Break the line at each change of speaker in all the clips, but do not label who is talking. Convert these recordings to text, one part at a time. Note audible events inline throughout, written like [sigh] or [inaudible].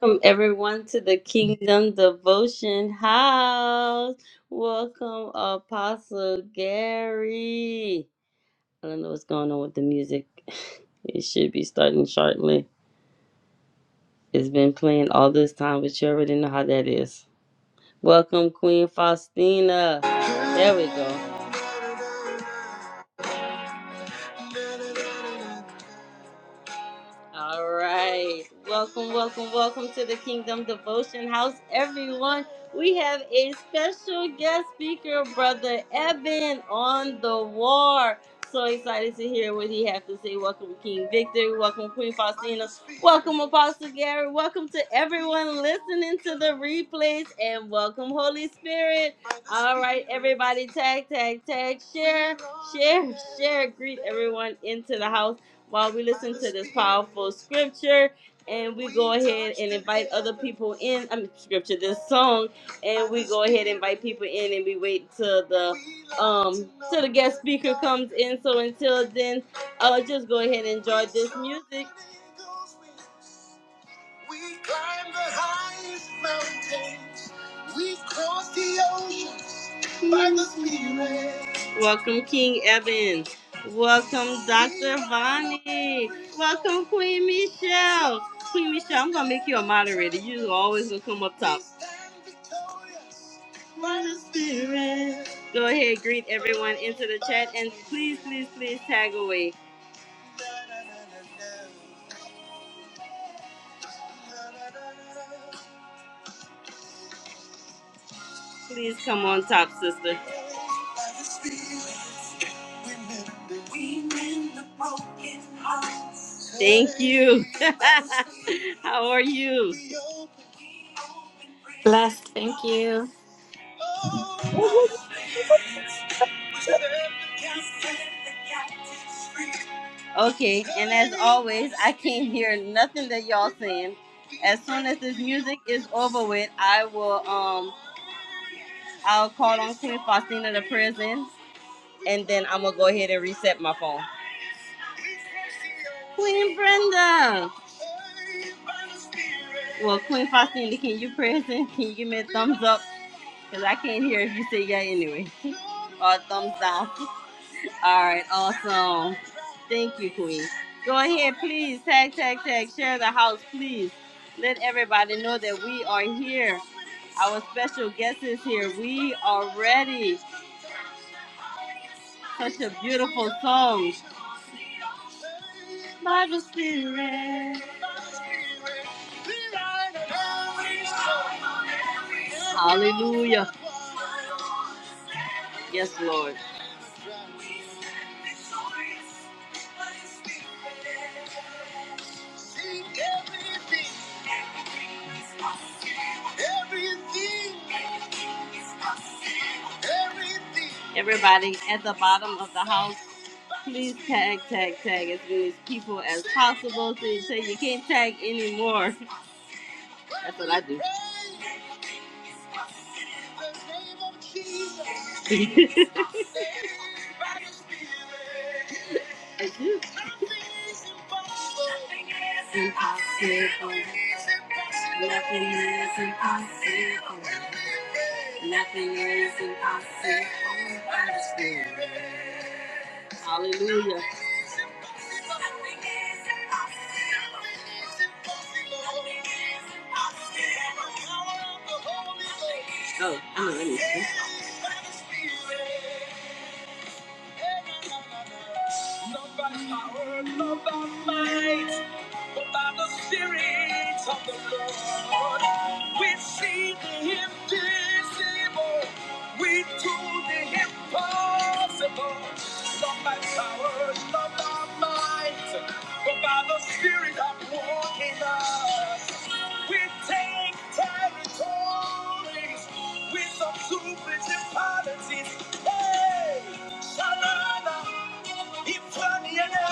Welcome everyone to the Kingdom Devotion House. Welcome Apostle Gary. I don't know what's going on with the music. [laughs] It should be starting shortly. It's been playing all this time, but you already know how that is. Welcome Queen Faustina. There we go. All right. Welcome, welcome, welcome to the Kingdom Devotion House, everyone. We have a special guest speaker, Brother Eben, on the war. So excited to hear what he has to say. Welcome, King Victor. Welcome, Queen Faustina. Welcome, Apostle Gary. Welcome to everyone listening to the replays. And welcome, Holy Spirit. All right, everybody, tag, tag, tag, share, share, share. Greet everyone into the house while we listen to this powerful scripture and we go ahead and invite other people in. I mean, scripture, this song, and we go ahead and invite people in and we wait till the um till the guest speaker comes in. So until then, uh, just go ahead and enjoy this music. We climb the highest mountains. We've crossed the oceans by the Spirit. Welcome, King Evan. Welcome, Dr. Vonnie. Welcome, Queen Michelle. Queen Michelle, I'm going to make you a moderator. You always will come up top. By the Spirit. Go ahead, greet everyone into the chat, and please, please, please tag away. Please come on top, sister. Thank you. [laughs] How are you?
Blessed, thank you.
Okay, and as always, I can't hear nothing that y'all saying. As soon as this music is over with, I will um I'll call on Queen Faustina to prison, and then I'm gonna go ahead and reset my phone. Queen Brenda. Well, Queen Faustina, can you present? Can you give me a thumbs up? Because I can't hear if you say yeah anyway. Or thumbs down. All right, awesome. Thank you, Queen. Go ahead, please. Tag, tag, tag. Share the house, please. Let everybody know that we are here. Our special guest is here. We are ready. Such a beautiful song. By Spirit. Hallelujah. Yes, Lord. Everybody at the bottom of the house. Please tag, tag, tag as many people as possible so you, so you can't tag anymore. That's what I do. [laughs] I do. Impossible. Nothing is impossible. Nothing is impossible. Hallelujah. Oh, I know that is. Not by power, not by might, but by the Spirit of the Lord. We see the invisible, we do the impossible. Not by power, not by might, but by the Spirit of in us. We take territories with our principalities. Hey, Shalana, Ifaniele,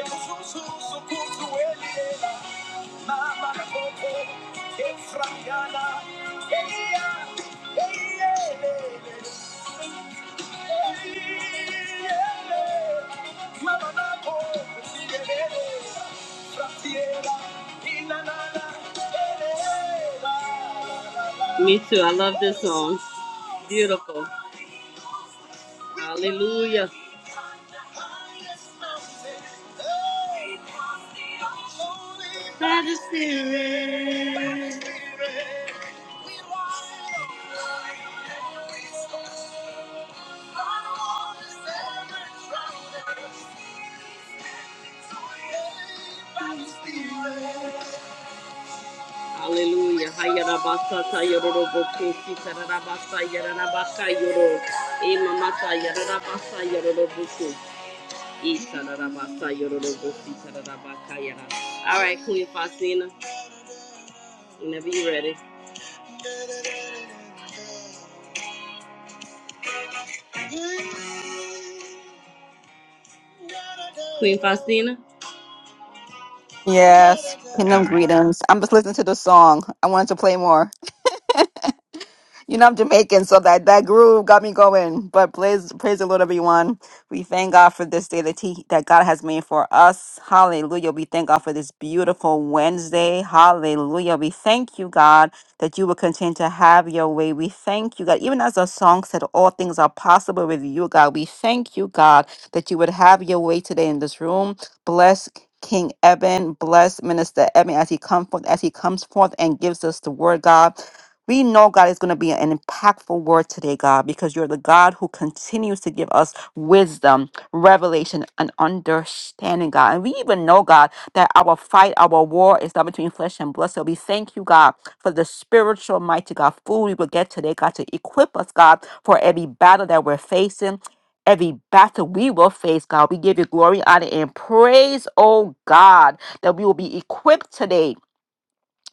Esusu, Sukutuele, Mama Koko, Efrayana, Eya, Eyele. Me too. I love this song. Beautiful. Hallelujah. By the Spirit. Hallelujah. Hayarabasa yororoboku sitarabasa yarabasa yoro. Imamasa yarabasa yororoboku. Itarabasa yororoboku sitarabaka yara. All right, Queen Faustina, whenever you're ready. Queen Faustina?
Yes, Kingdom
All right.
Greetings. I'm just listening to the song. I wanted to play more. You know, I'm Jamaican, so that, that groove got me going. But praise, praise the Lord, everyone. We thank God for this day that, he, that God has made for us. Hallelujah. We thank God for this beautiful Wednesday. Hallelujah. We thank you, God, that you will continue to have your way. We thank you, God. Even as our song said, all things are possible with you, God. We thank you, God, that you would have your way today in this room. Bless King Eben, bless Minister Eben as he comes forth, as he comes forth and gives us the word, God. We know, God, is going to be an impactful word today, God, because you're the God who continues to give us wisdom, revelation, and understanding, God. And we even know, God, that our fight, our war is not between flesh and blood. So we thank you, God, for the spiritual, mighty God, food we will get today, God, to equip us, God, for every battle that we're facing. Every battle we will face, God, we give you glory, honor, and praise, oh God, that we will be equipped today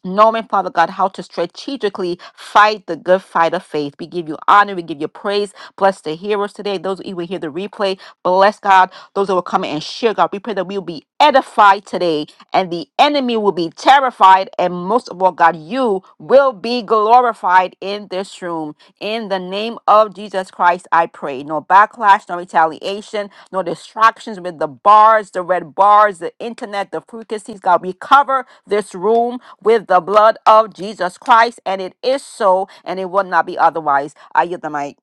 knowing, Father God, how to strategically fight the good fight of faith. We give you honor. We give you praise. Bless the hearers today. Those who will hear the replay, bless God. Those that will come and share, God, we pray that we will be edified today and the enemy will be terrified. And most of all, God, you will be glorified in this room. In the name of Jesus Christ, I pray. No backlash, no retaliation, no distractions with the bars, the red bars, the internet, the frequencies. God, we cover this room with the blood of Jesus Christ, and it is so, and it will not be otherwise. I yield the mic.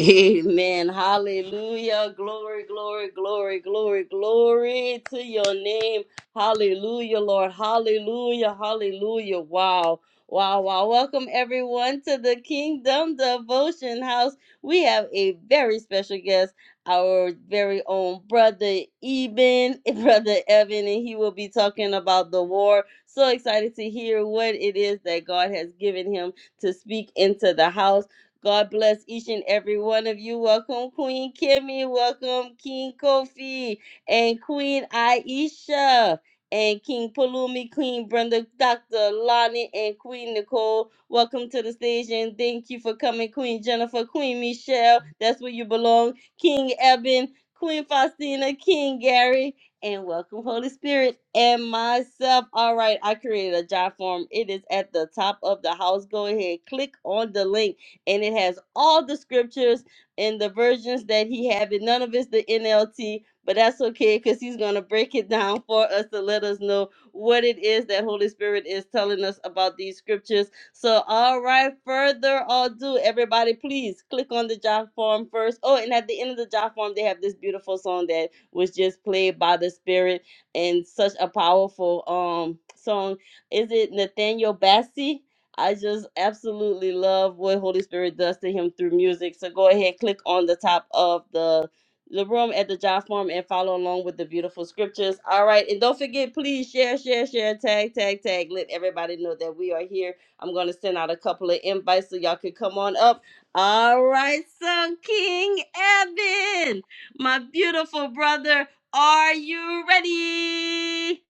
Amen. Hallelujah. Glory, glory, glory, glory, glory to your name. Hallelujah, Lord. Hallelujah. Hallelujah. Wow. Wow, wow. Welcome everyone to the Kingdom Devotion House. We have a very special guest, our very own brother Eben, [laughs] brother Evan, and he will be talking about the war. So excited to hear what it is that God has given him to speak into the house. God bless each and every one of you. Welcome, Queen Kimmy. Welcome, King Kofi and Queen Aisha. And King Palumi, Queen Brenda, Dr. Lonnie, and Queen Nicole. Welcome to the stage and thank you for coming, Queen Jennifer, Queen Michelle. That's where you belong. King Eben, Queen Faustina, King Gary, and welcome, Holy Spirit, and myself. All right, I created a job form. It is at the top of the house. Go ahead, click on the link and it has all the scriptures and the versions that he have it. None of it's the NLT, but that's okay because he's gonna break it down for us to let us know what it is that Holy Spirit is telling us about these scriptures. So, all right, further ado, everybody, please click on the job form first. Oh, and at the end of the job form, they have this beautiful song that was just played by the Spirit and such a powerful um song. Is it Nathaniel Bassey? I just absolutely love what Holy Spirit does to him through music. So go ahead, click on the top of the the room at the job form and follow along with the beautiful scriptures. All right, and don't forget, please share, share, share, tag, tag, tag. Let everybody know that we are here. I'm gonna send out a couple of invites so y'all can come on up. All right, so King Evan, my beautiful brother, are you ready?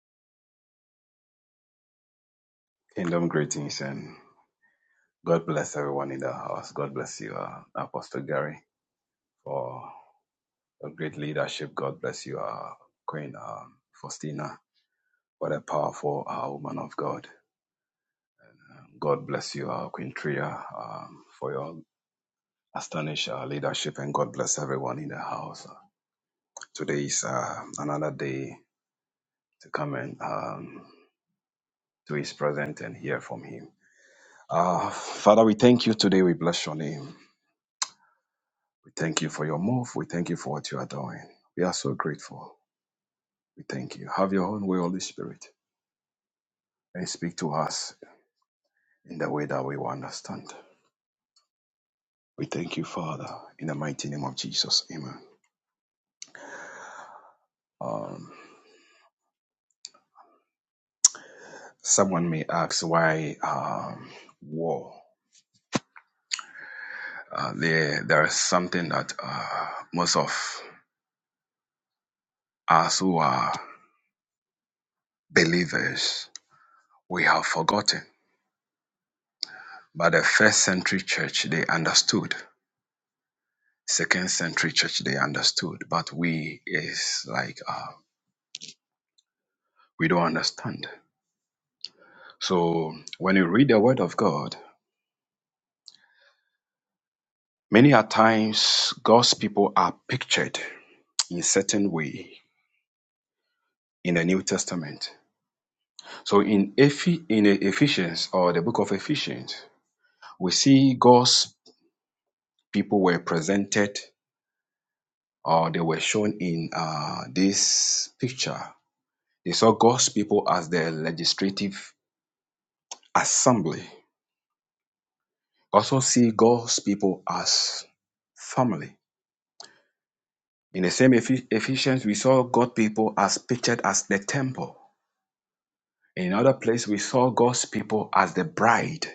Kingdom greetings and God bless everyone in the house. God bless you, uh, Apostle Gary, for a great leadership. God bless you, uh, Queen um, Faustina. What a powerful uh, woman of God. God bless you, uh, Queen Tria, um, for your astonishing uh, leadership. And God bless everyone in the house. Today is uh, another day to come and um, to his presence and hear from him. Uh, Father, we thank you today. We bless your name. We thank you for your move. We thank you for what you are doing. We are so grateful. We thank you. Have your own way, Holy Spirit, and speak to us in the way that we will understand. We thank you, Father, in the mighty name of Jesus. Amen. Um, someone may ask why um, war. Uh, there, there is something that uh, most of us who are believers we have forgotten. But the first century church, they understood. Second century church, they understood, but we is like uh, we don't understand. So when you read the Word of God, many a times God's people are pictured in certain way in the New Testament. So in Eph- in Ephesians or the book of Ephesians, we see God's people were presented or they were shown in uh, this picture. They saw God's people as the legislative assembly. also see God's people as family. In the same Ephe- Ephesians, we saw God's people as pictured as the temple. In another place, we saw God's people as the bride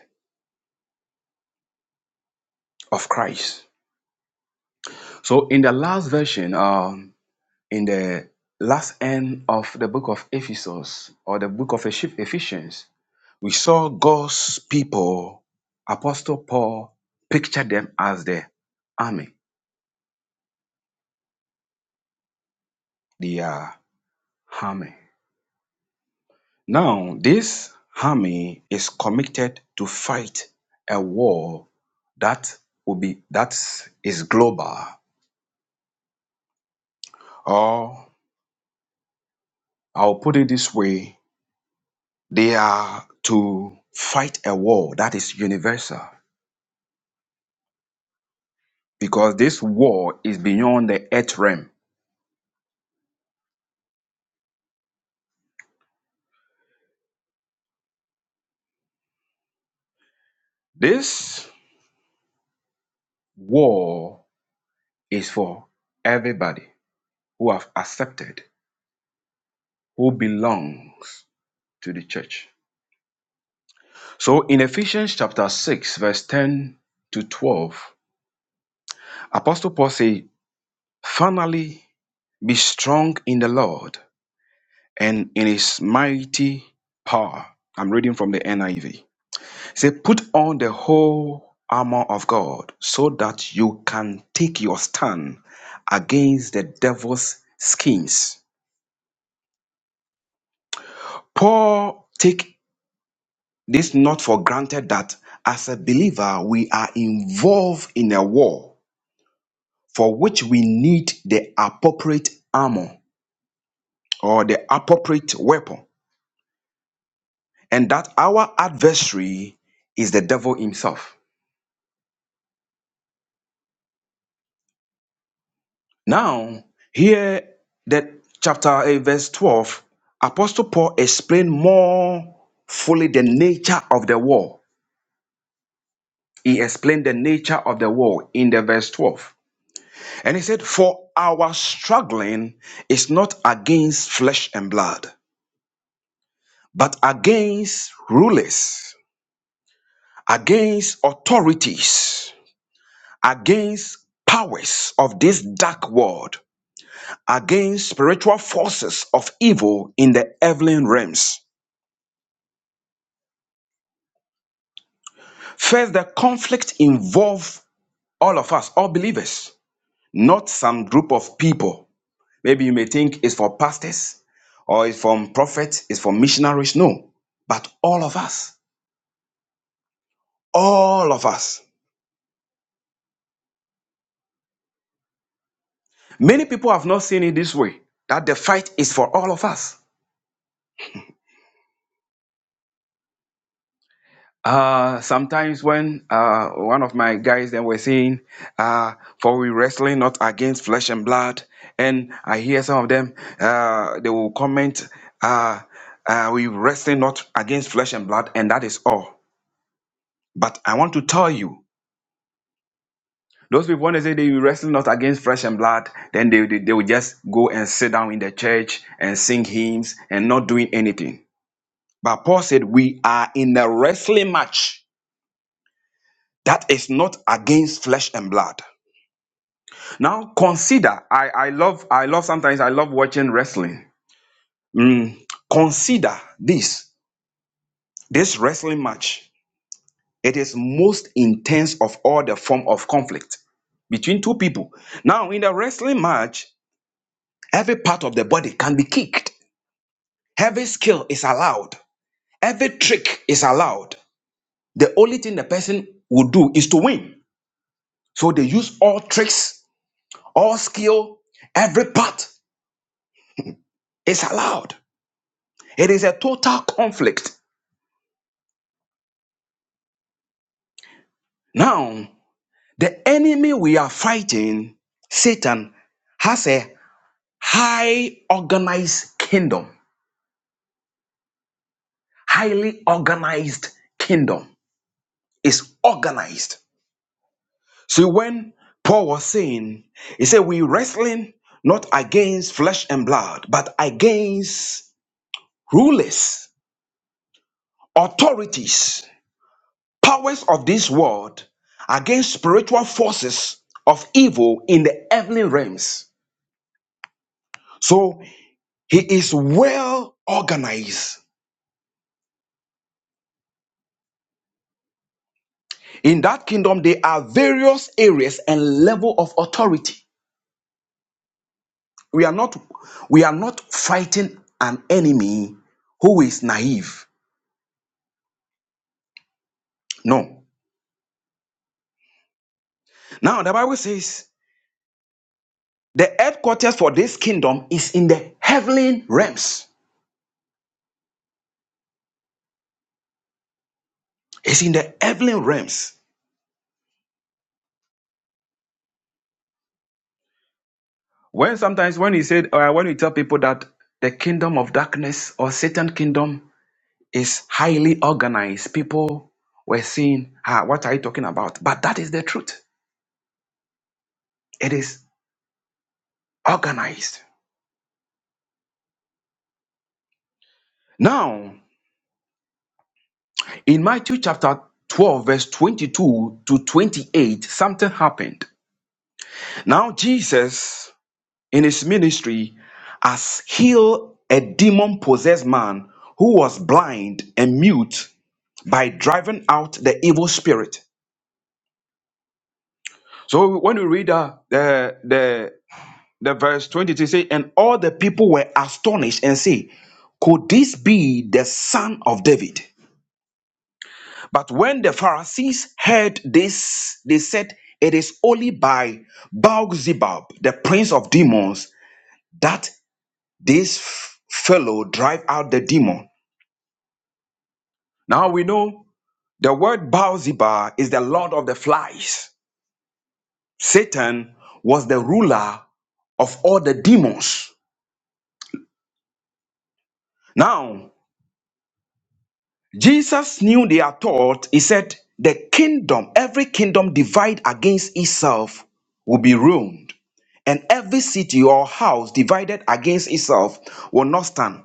of Christ. So in the last version, um, in the last end of the book of Ephesus or the book of Ephes- Ephesians, we saw God's people, Apostle Paul pictured them as the army, the uh, army. Now, this army is committed to fight a war that will be that is global. Or I'll put it this way: they are to fight a war that is universal because this war is beyond the earth realm. This war is for everybody who have accepted, who belongs to the church. So in Ephesians chapter 6, verse 10 to 12, Apostle Paul said, finally be strong in the Lord and in his mighty power. I'm reading from the NIV. Say, put on the whole armor of God so that you can take your stand against the devil's schemes. Paul take this not for granted that as a believer we are involved in a war for which we need the appropriate armor or the appropriate weapon. and that our adversary is the devil himself. Now, here that chapter 8, verse 12, Apostle Paul explained more fully the nature of the war. He explained the nature of the war in the verse 12. And he said, For our struggling is not against flesh and blood, but against rulers, against authorities, against powers of this dark world against spiritual forces of evil in the heavenly realms. First, the conflict involves all of us, all believers, not some group of people. Maybe you may think it's for pastors or it's from prophets, it's for missionaries. No, but all of us, all of us. Many people have not seen it this way that the fight is for all of us. Uh, sometimes when uh, one of my guys then were saying, uh, "For we wrestling not against flesh and blood," and I hear some of them, uh, they will comment, uh, uh, "We wrestling not against flesh and blood," and that is all. But I want to tell you, those people when they say they wrestling not against flesh and blood, then they, they they will just go and sit down in the church and sing hymns and not doing anything. But Paul said, "We are in a wrestling match that is not against flesh and blood." Now consider, I, I love, I love sometimes I love watching wrestling. Mm, consider this, this wrestling match. It is most intense of all the form of conflict between two people. Now in the wrestling match, every part of the body can be kicked. Every skill is allowed. Every trick is allowed. The only thing the person will do is to win. So they use all tricks, all skill, every part is allowed. It is a total conflict Now, the enemy we are fighting, Satan, has a high organized kingdom, highly organized kingdom. It's organized. So when Paul was saying, he said, We wrestling not against flesh and blood, but against rulers, authorities, powers of this world, against spiritual forces of evil in the heavenly realms. So He is well organized. In that kingdom, there are various areas and level of authority. We are not, we are not fighting an enemy who is naive. No. Now the Bible says the headquarters for this kingdom is in the heavenly realms. It's in the heavenly realms. When sometimes when he said, or when we tell people that the kingdom of darkness or Satan kingdom Is highly organized. People were saying, ah, what are you talking about? But that is the truth. It is organized. Now, in Matthew chapter 12, verse 22 to 28, something happened. Now, Jesus, in his ministry, has healed a demon possessed man who was blind and mute by driving out the evil spirit. So, when we read uh, the, the the verse 22 say, and all the people were astonished and say, could this be the son of David? But when the Pharisees heard this, they said, it is only by Baal-zebub, the prince of demons, that this f- fellow drive out the demon. Now we know the word Baal-zebub is the lord of the flies. Satan was the ruler of all the demons. Now, Jesus knew their thought. He said, The kingdom, every kingdom divided against itself will be ruined, and every city or house divided against itself will not stand.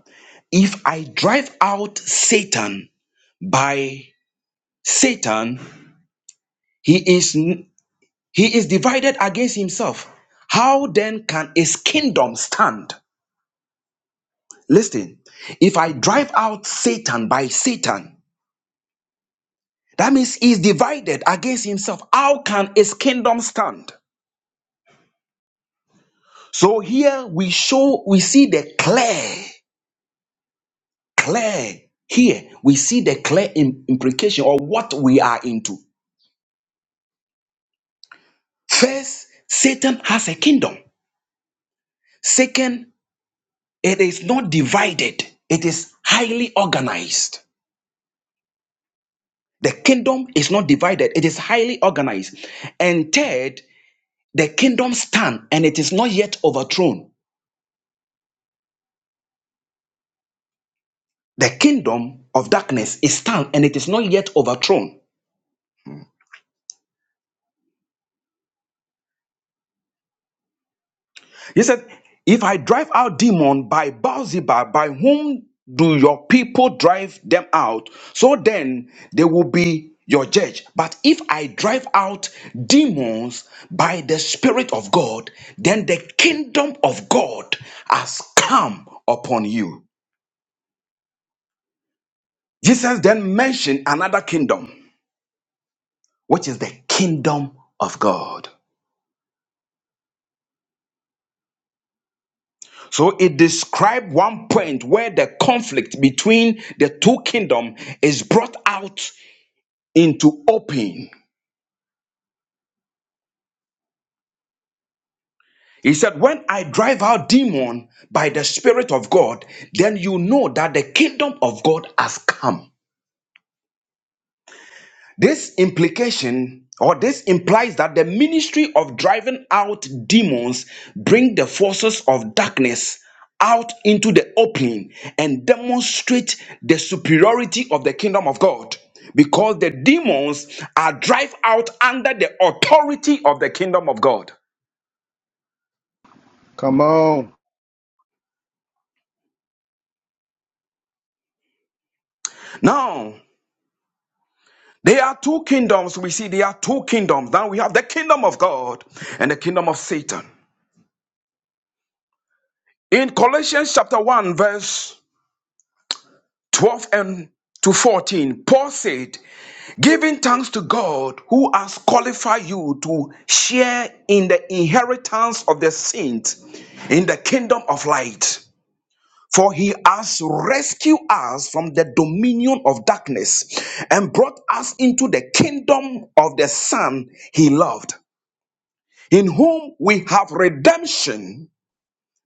If I drive out Satan by Satan, he is he is divided against himself. How then can his kingdom stand? Listen, if I drive out Satan by Satan, That means he's divided against himself. How can his kingdom stand? So here we show, we see the clear, clear. Here we see the clear im- implication of what we are into. First, Satan has a kingdom. Second, it is not divided, it is highly organized. The kingdom is not divided, it is highly organized. And third, the kingdom stand and it is not yet overthrown. The kingdom of darkness is still, and it is not yet overthrown. He said, If I drive out demons by Baal-zebub, by whom do your people drive them out? So then they will be your judge. But if I drive out demons by the Spirit of God, then the kingdom of God has come upon you. Jesus then mentioned another kingdom, which is the kingdom of God. So it describes one point where the conflict between the two kingdoms is brought out into open. He said, When I drive out demon by the Spirit of God, then you know that the kingdom of God has come. This implication or this implies that the ministry of driving out demons bring the forces of darkness out into the opening and demonstrate the superiority of the kingdom of God because the demons are drive out under the authority of the kingdom of God.
Come on.
Now, there are two kingdoms we see there are two kingdoms. Now we have the kingdom of God and the kingdom of Satan. In Colossians chapter 1 verse 12 and to 14, Paul said, giving thanks to God who has qualified you to share in the inheritance of the saints in the kingdom of light. For he has rescued us from the dominion of darkness and brought us into the kingdom of the Son he loved, in whom we have redemption,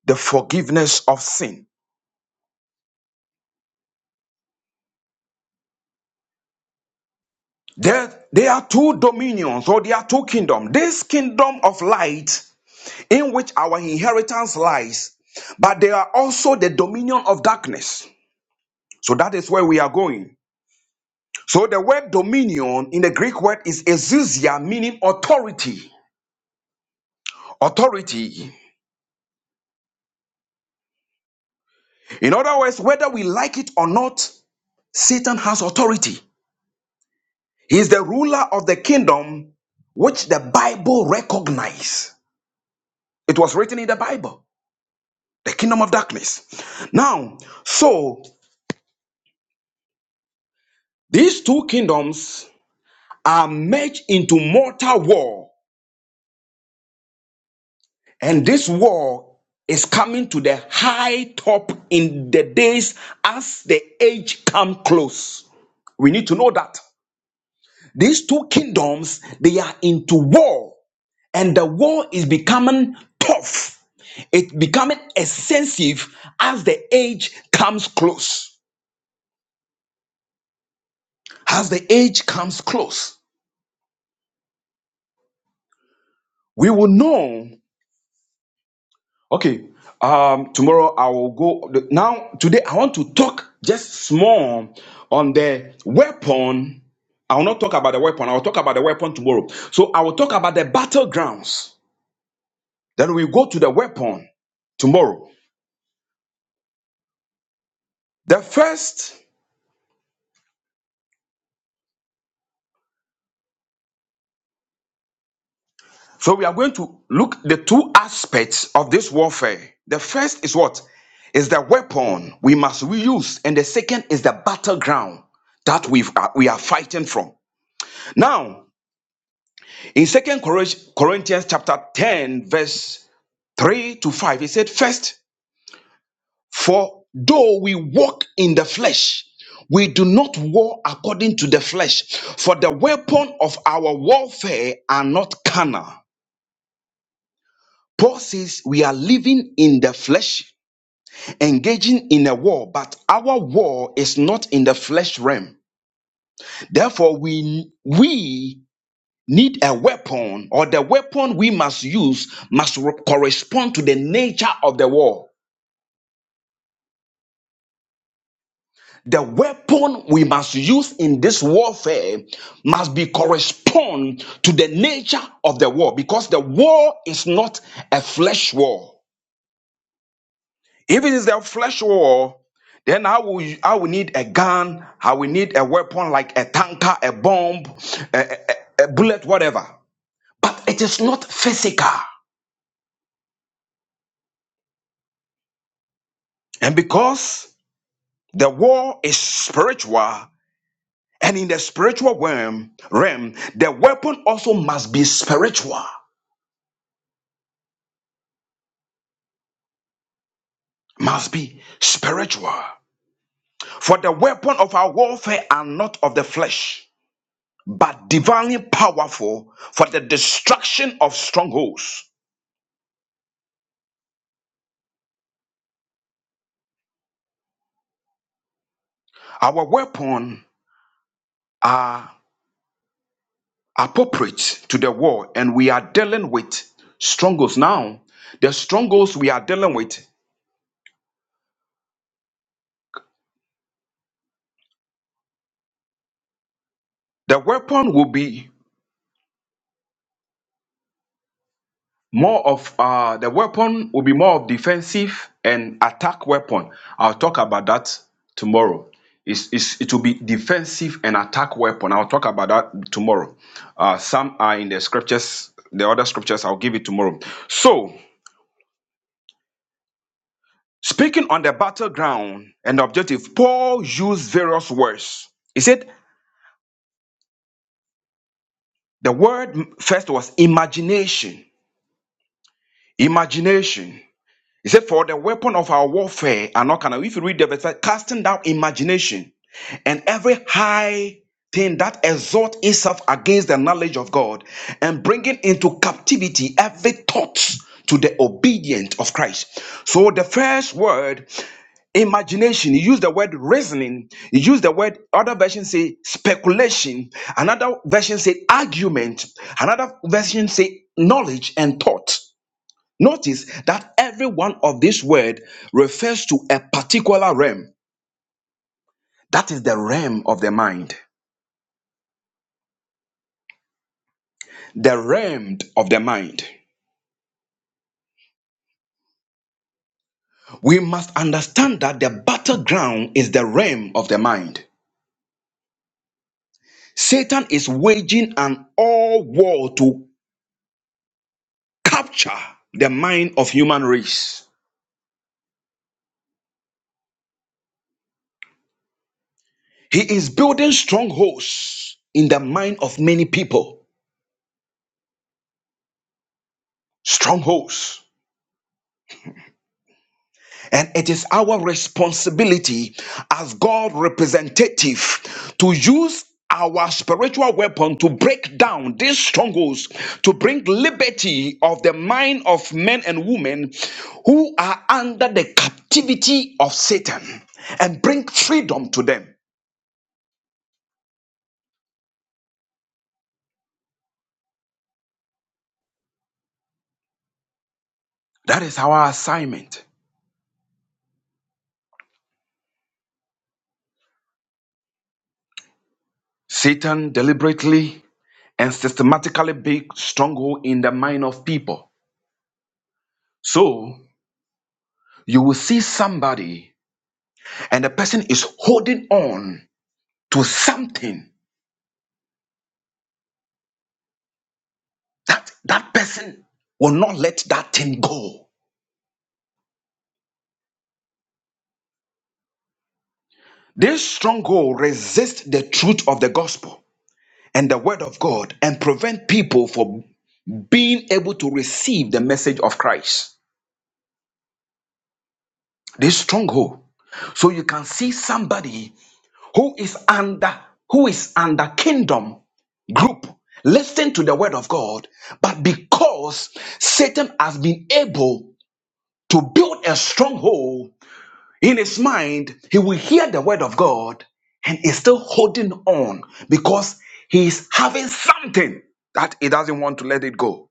the forgiveness of sin. There, there are two dominions or there are two kingdoms. This kingdom of light in which our inheritance lies, but there are also the dominion of darkness. So that is where we are going. So the word dominion in the Greek word is exousia, meaning authority. Authority. In other words, whether we like it or not, Satan has authority. He is the ruler of the kingdom which the Bible recognizes. It was written in the Bible. the kingdom of darkness. Now, so these two kingdoms are merged into mortal war, and this war is coming to the high top in the days as the age come close. We need to know that these two kingdoms they are into war, and the war is becoming tough. It becoming extensive as the age comes close. As the age comes close, we will know Okay. Um, tomorrow I will go. the- Now, today I want to talk just small on the weapon. I will not talk about the weapon. I will talk about the weapon tomorrow. So I will talk about the battlegrounds. Then we go to the weapon tomorrow. The first, so we are going to look the two aspects of this warfare. The first is what? Is the weapon we must reuse, and the second is the battleground that we uh, we are fighting from. Now, In Second Corinthians chapter 10, verse 3 to 5, he said, First, for though we walk in the flesh, we do not war according to the flesh, for the weapon of our warfare are not carnal. Paul says we are living in the flesh, engaging in a war, but our war is not in the flesh realm. Therefore, we we need a weapon or the weapon we must use must re- correspond to the nature of the war the weapon we must use in this warfare must be correspond to the nature of the war because the war is not a flesh war if it is a flesh war then I will I will need a gun I will need a weapon like a tanker a bomb a, a a- a bullet whatever but it is not physical and because The war is spiritual, and in the spiritual realm, realm, the weapon also must be spiritual. Must be spiritual. For the weapon of our warfare are not of the flesh, but divinely powerful for the destruction of strongholds. Our weapon are appropriate to the war, and we are dealing with strongholds now. The strongholds we are dealing with, the weapon will be more of uh, the weapon will be more of defensive and attack weapon. I'll talk about that tomorrow. It's, it's, it will be defensive and attack weapon. I'll talk about that tomorrow. Uh, some are in the scriptures, the other scriptures, I'll give it tomorrow. So, speaking on the battleground and objective, Paul used various words. He said the word first was imagination. Imagination. He said, For the weapon of our warfare are not carnal. If you read the verse, casting down imagination and every high thing that exalts itself against the knowledge of God and bringing into captivity every thought to the obedience of Christ. So the first word, imagination, you use the word reasoning, you use the word, other versions say speculation, another version say argument, another version say knowledge and thought. Notice that every one of these words refers to a particular realm. That is the realm of the mind. The realm of the mind. We must understand that the battleground is the realm of the mind. Satan is waging an all war to capture the mind of human race. He is building strongholds in the mind of many people. Strongholds. And it is our responsibility as God representative to use our spiritual weapon to break down these strongholds, to bring liberty of the mind of men and women who are under the captivity of Satan and bring freedom to them. That is our assignment. Satan deliberately and systematically built stronghold in the mind of people. So you will see somebody and the person is holding on to something that that person will not let that thing go this stronghold resists the truth of the gospel and the word of god and prevent people from being able to receive the message of christ this stronghold so you can see somebody who is under who is under kingdom group listen to the word of god but because satan has been able to build a stronghold in his mind, he will hear the word of God and is still holding on because he's having something that he doesn't want to let it go.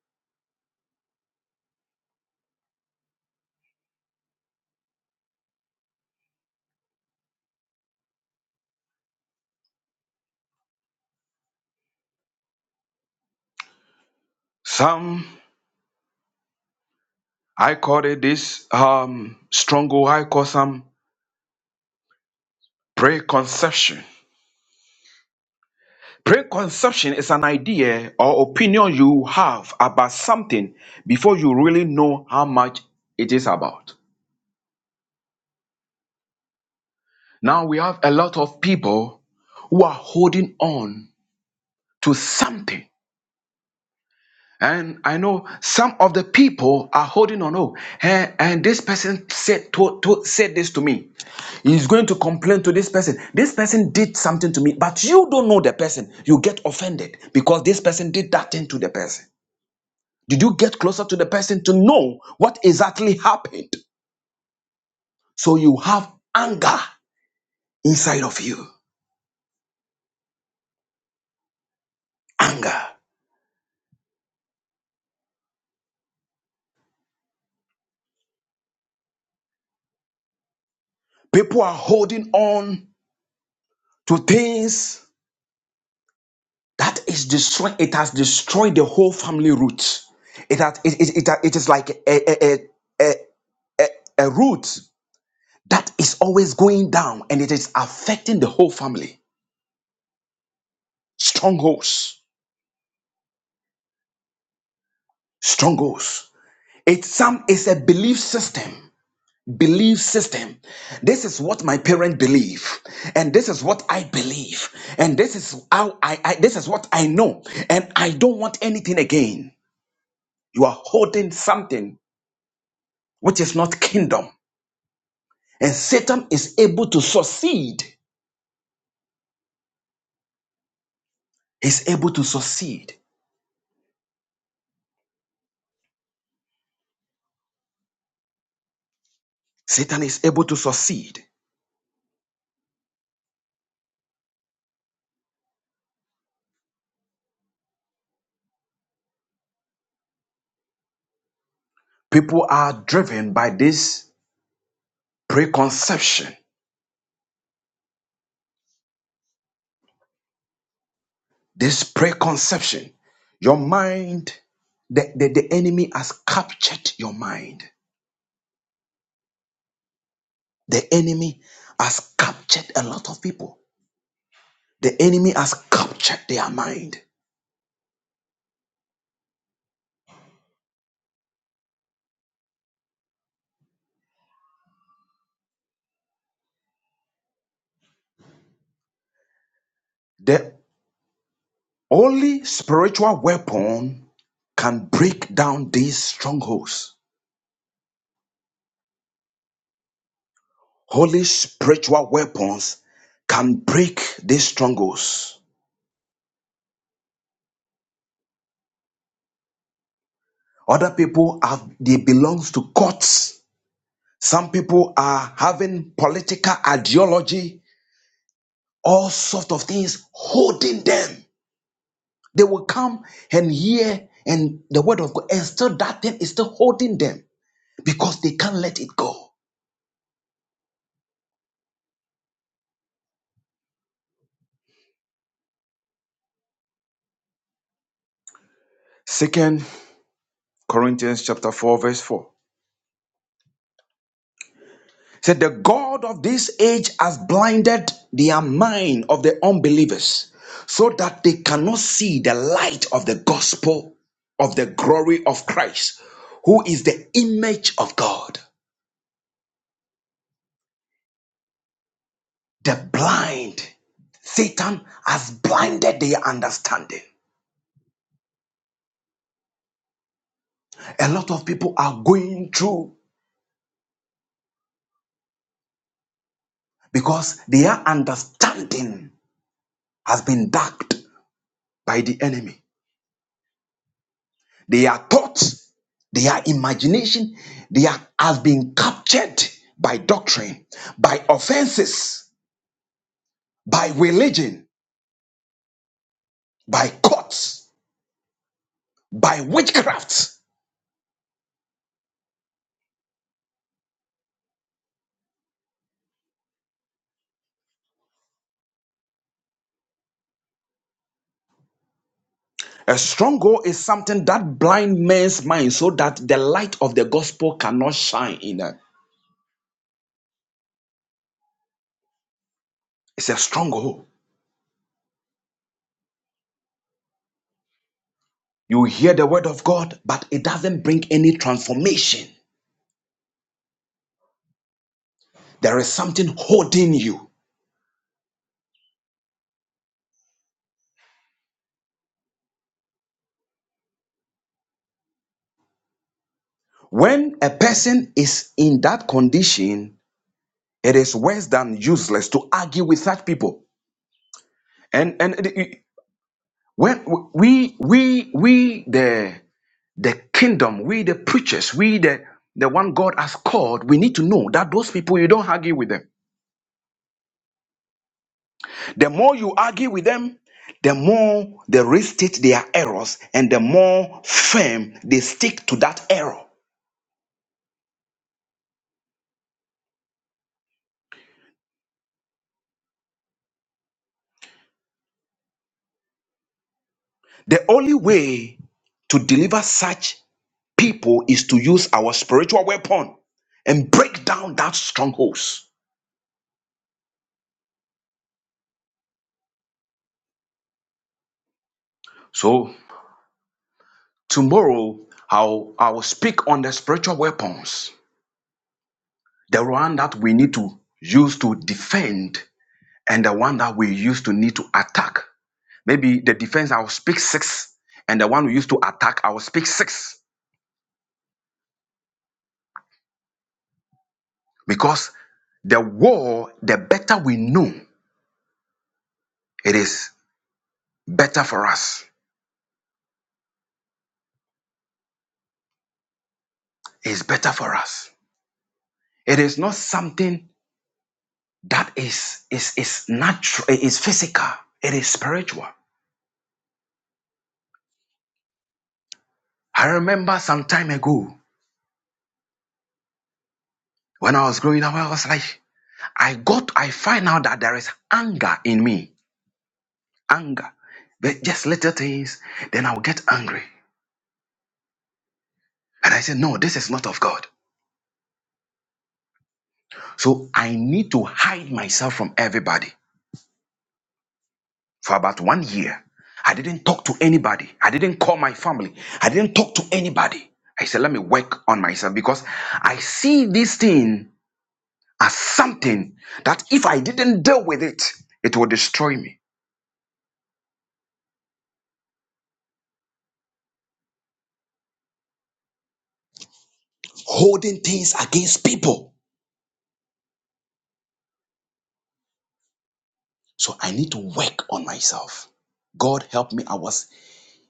Some, I call it this um, stronghold, I call some preconception. Preconception is an idea or opinion you have about something before you really know how much it is about. Now we have a lot of people who are holding on to something. And I know some of the people are holding on. Oh, eh, and this person said to, to- said this to me. He's going to complain to this person. This person did something to me, but you don't know the person. You get offended because this person did that thing to the person. Did you get closer to the person to know what exactly happened? So you have anger inside of you. Anger. People are holding on to things that is destroying it has destroyed the whole family root it has it, it, it, it is like a, a, a, a a root that is always going down and it is affecting the whole family strongholds strongholds it's some it's a belief system belief system this is what my parents believe and this is what i believe and this is how I, I this is what i know and i don't want anything again you are holding something which is not kingdom And Satan is able to succeed. He's able to succeed. Satan is able to succeed. People are driven by this preconception. This preconception. Your mind, the, the, the enemy has captured your mind. The enemy has captured a lot of people. The enemy has captured their mind. The only spiritual weapon can break down these strongholds Holy spiritual weapons can break these strongholds. Other people have they belongs to courts. Some people are having political ideology, all sort of things holding them. They will come and hear and the word of God, and still that thing is still holding them because they can't let it go. Second Corinthians chapter 4, verse 4. He said the god of this age has blinded their mind of the unbelievers so that they cannot see the light of the gospel of the glory of christ who is the image of god the blind satan has blinded their understanding a lot of people are going through because their understanding has been darkened by the enemy They are thoughts, They are imagination, they are, has been captured by doctrine, by offenses, by religion, by courts, by witchcraft. A stronghold is something that blind men's mind so that the light of the gospel cannot shine in them. It's a stronghold. You hear the word of God, but it doesn't bring any transformation. There is something holding you. When a person is in that condition, It is worse than useless to argue with such people. And and the- when we we we the the kingdom, we the preachers, we the the one God has called, we need to know that those people you don't argue with them. The more you argue with them, the more they restate their errors and the more firm they stick to that error. The only way to deliver such people is to use our spiritual weapon and break down that strongholds. So tomorrow I'll I'll speak on the spiritual weapons, the one that we need to use to defend, and the one that we use to need to attack. Maybe the defense I'll speak six, and the one we use to attack I'll speak six. Because the war, the better we know, it is better for us. It's better for us. It is not something that is is is natural, it is physical, it is spiritual. I remember some time ago. When I was growing up, I was like, I got, I find out that there is anger in me. Anger. But just little things, then I'll get angry. And I said, No, this is not of God. So I need to hide myself from everybody. For about one year, I didn't talk to anybody. I didn't call my family. I didn't talk to anybody. I said, Let me work on myself because I see this thing as something that if I didn't deal with it, it will destroy me. Holding things against people. So I need to work on myself. God help me. I was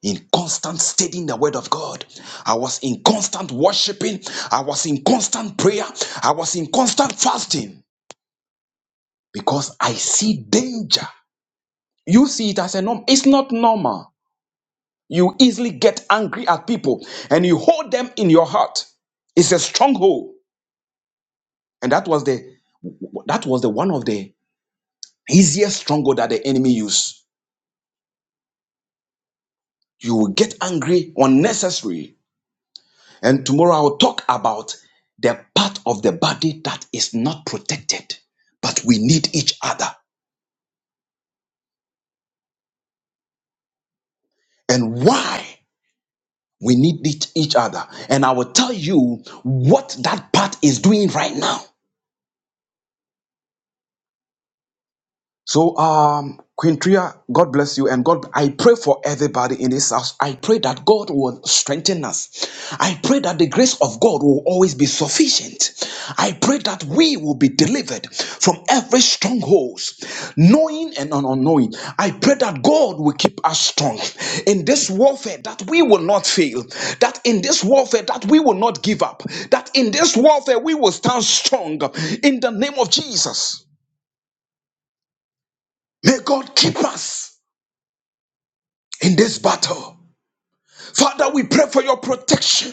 in constant studying the word of God. I was in constant worshiping. I was in constant prayer. I was in constant fasting because I see danger. You see it as a norm. It's not normal. You easily get angry at people and you hold them in your heart. It's a stronghold. And that was the that was the one of the easiest stronghold that the enemy used. You will get angry unnecessary And tomorrow I'll talk about the part of the body that is not protected, but we need each other and why we need each each other. And I will tell you what that part is doing right now So, um, Queen Tria, God bless you. And God, I pray for everybody in this house. I pray that God will strengthen us. I pray that the grace of God will always be sufficient. I pray that we will be delivered from every stronghold, knowing and unknowing. I pray that God will keep us strong in this warfare, that we will not fail, that in this warfare, that we will not give up, that in this warfare, we will stand strong in the name of Jesus. May God keep us. in this battle. Father, we pray for your protection